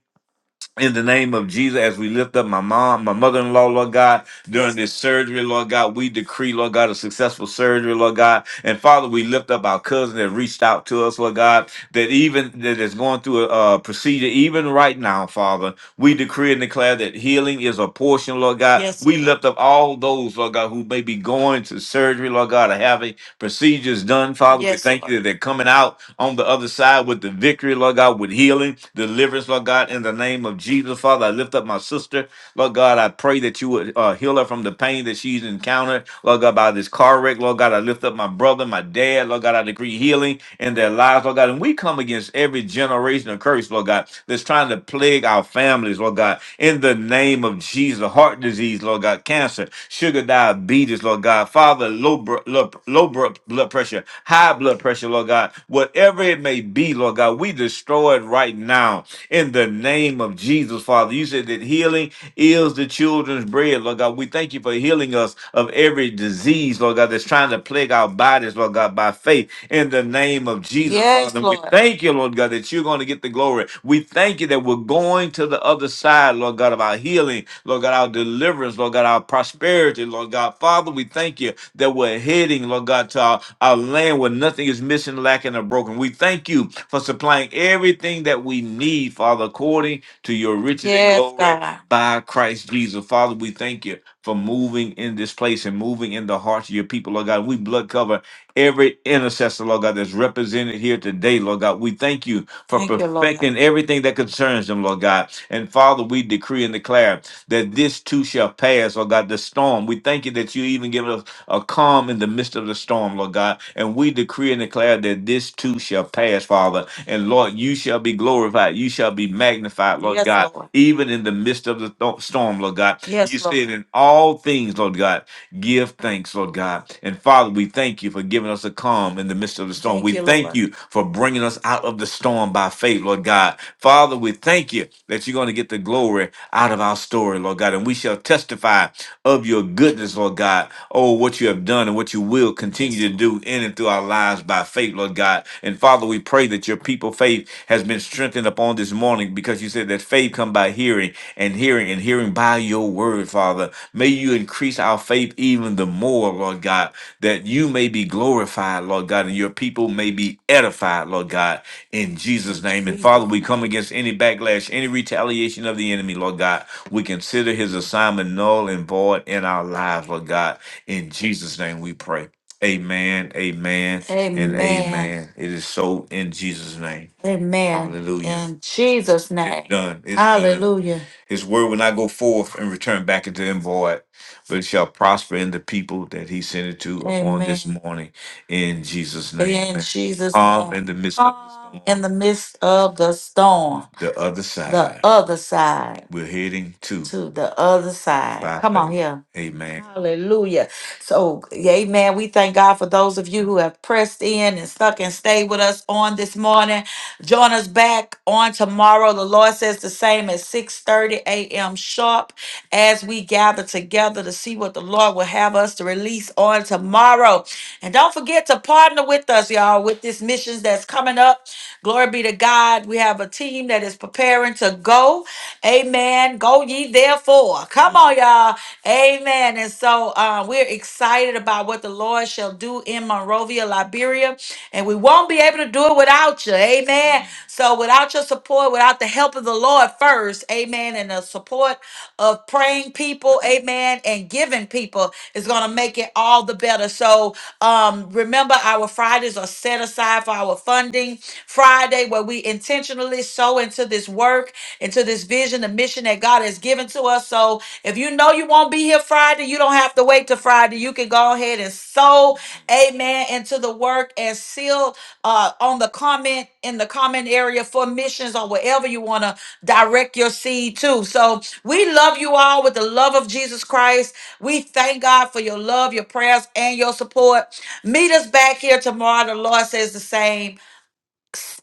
A: In the name of Jesus, as we lift up my mom, my mother in law, Lord God, during this surgery, Lord God, we decree, Lord God, a successful surgery, Lord God. And Father, we lift up our cousin that reached out to us, Lord God, that even that is going through a, uh procedure, even right now, Father. We decree and declare that healing is a portion, Lord God. Yes, We Lord. lift up all those, Lord God, who may be going to surgery, Lord God, or having procedures done, Father. We Yes, thank Lord. you Lord. that they're coming out on the other side with the victory, Lord God, with healing, deliverance, Lord God, in the name of Jesus, Father. I lift up my sister, Lord God. I pray that you would uh, heal her from the pain that she's encountered, Lord God, by this car wreck, Lord God. I lift up my brother, my dad, Lord God. I decree healing in their lives, Lord God. And we come against every generation of curse, Lord God, that's trying to plague our families, Lord God, in the name of Jesus. Heart disease, Lord God, cancer, sugar diabetes, Lord God, Father, low, br- low, low br- blood pressure, high blood pressure, Lord God, whatever it may be, Lord God, we destroy it right now in the name of Jesus, Father. You said that healing is the children's bread, Lord God. We thank you for healing us us of every disease, Lord God, that's trying to plague our bodies, Lord God, by faith in the name of Jesus, Yes, Father. We Lord. thank you, Lord God, that you're going to get the glory. We thank you that we're going to the other side, Lord God, of our healing, Lord God, our deliverance, Lord God, our prosperity, Lord God. Father, we thank you that we're heading, Lord God, to our, our land where nothing is missing, lacking, or broken. We thank you for supplying everything that we need, Father, according to your riches and Yes, glory God. by Christ Jesus. Father, we thank you for moving in this place and moving in the hearts of your people, Lord God. We blood cover every intercessor, Lord God, that's represented here today, Lord God. We thank you for Thank you, Lord. God. perfecting everything that concerns them, Lord God. And Father, we decree and declare that this too shall pass, Lord God, the storm. We thank you that you even give us a calm in the midst of the storm, Lord God. And we decree and declare that this too shall pass, Father. And Lord, you shall be glorified. You shall be magnified, Lord Yes, God, Lord. even in the midst of the th- storm, Lord God. You Yes, Lord. said in all things, Lord God give thanks, Lord God. And Father, we thank you for giving us a calm in the midst of the storm. Thank We you, thank Lord. you for bringing us out of the storm by faith, Lord God. Father, we thank you that you're going to get the glory out of our story, Lord God. And we shall testify of your goodness, Lord God. Oh, what you have done and what you will Yes, continue Yes, to Lord. do in and through our lives by faith, Lord God. And Father, we pray that your people faith has been strengthened upon this this morning because you said that faith come by hearing and hearing and hearing by your word, Father. May you increase our faith even the more, Lord God, that you may be glorified, Lord God, and your people may be edified, Lord God, in Jesus' name. And Father, we come against any backlash, any retaliation of the enemy, Lord God. We consider his assignment null and void in our lives, Lord God. In Jesus' name we pray. Amen, amen, and Amen. amen. It is so in Jesus' name. Amen. Hallelujah. In Jesus' It's name. done. It's done. Hallelujah. His word will not go forth and return back into him void, but it shall prosper in the people that he sent it to upon this Amen. morning in Jesus' name. In Jesus' Calm name. in the midst of the storm. in the midst of the storm. The other The side. other side. We're heading to To the other side. by Come on faith. here. Amen. Hallelujah. So, yeah, amen. We thank God for those of you who have pressed in and stuck and stayed with us on this morning. Join us back on tomorrow. The Lord says the same at 6:30 a.m eight a.m. sharp as we gather together to see what the Lord will have us to release on tomorrow. And don't forget to partner with us, y'all, with this missions that's coming up. Glory be to God. We have a team that is preparing to go. Amen. Go ye therefore. Come on, y'all. Amen. And so uh, we're excited about what the Lord shall do in Monrovia, Liberia and we won't be able to do it without you. Amen. So, without your support, without the help of the Lord first, amen, and the support of praying people, amen, and giving people is going to make it all the better. So, um, remember, our Fridays are set aside for our funding Friday, where we intentionally sow into this work, into this vision, the mission that God has given to us. So, so if you know you won't be here Friday, you don't have to wait till Friday. You can go ahead and sow, amen, into the work and seal uh, on the comment in the comment area for missions or wherever you want to direct your seed to. So we love you all with the love of Jesus Christ. We thank God for your love, your prayers, and your support. Meet us back here tomorrow. The Lord says the same.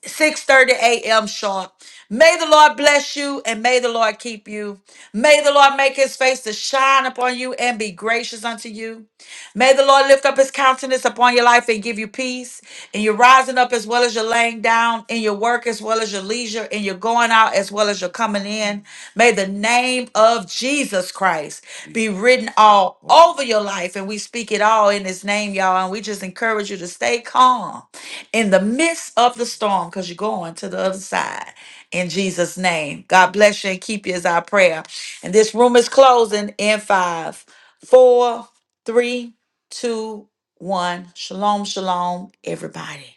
A: 6:30 a.m. sharp. May the Lord bless you and may the Lord keep you. May the Lord make his face to shine upon you and be gracious unto you. May the Lord lift up his countenance upon your life and give you peace. And you're rising up as well as you're laying down, in your work as well as your leisure, and you're going out as well as you're coming in. May the name of Jesus Christ be written all over your life. And we speak it all in his name, y'all. And we just encourage you to stay calm in the midst of the storm because you're going to the other side. In Jesus' name, God bless you and keep you is our prayer. And this room is closing in five, four, three, two, one. Shalom, shalom, everybody.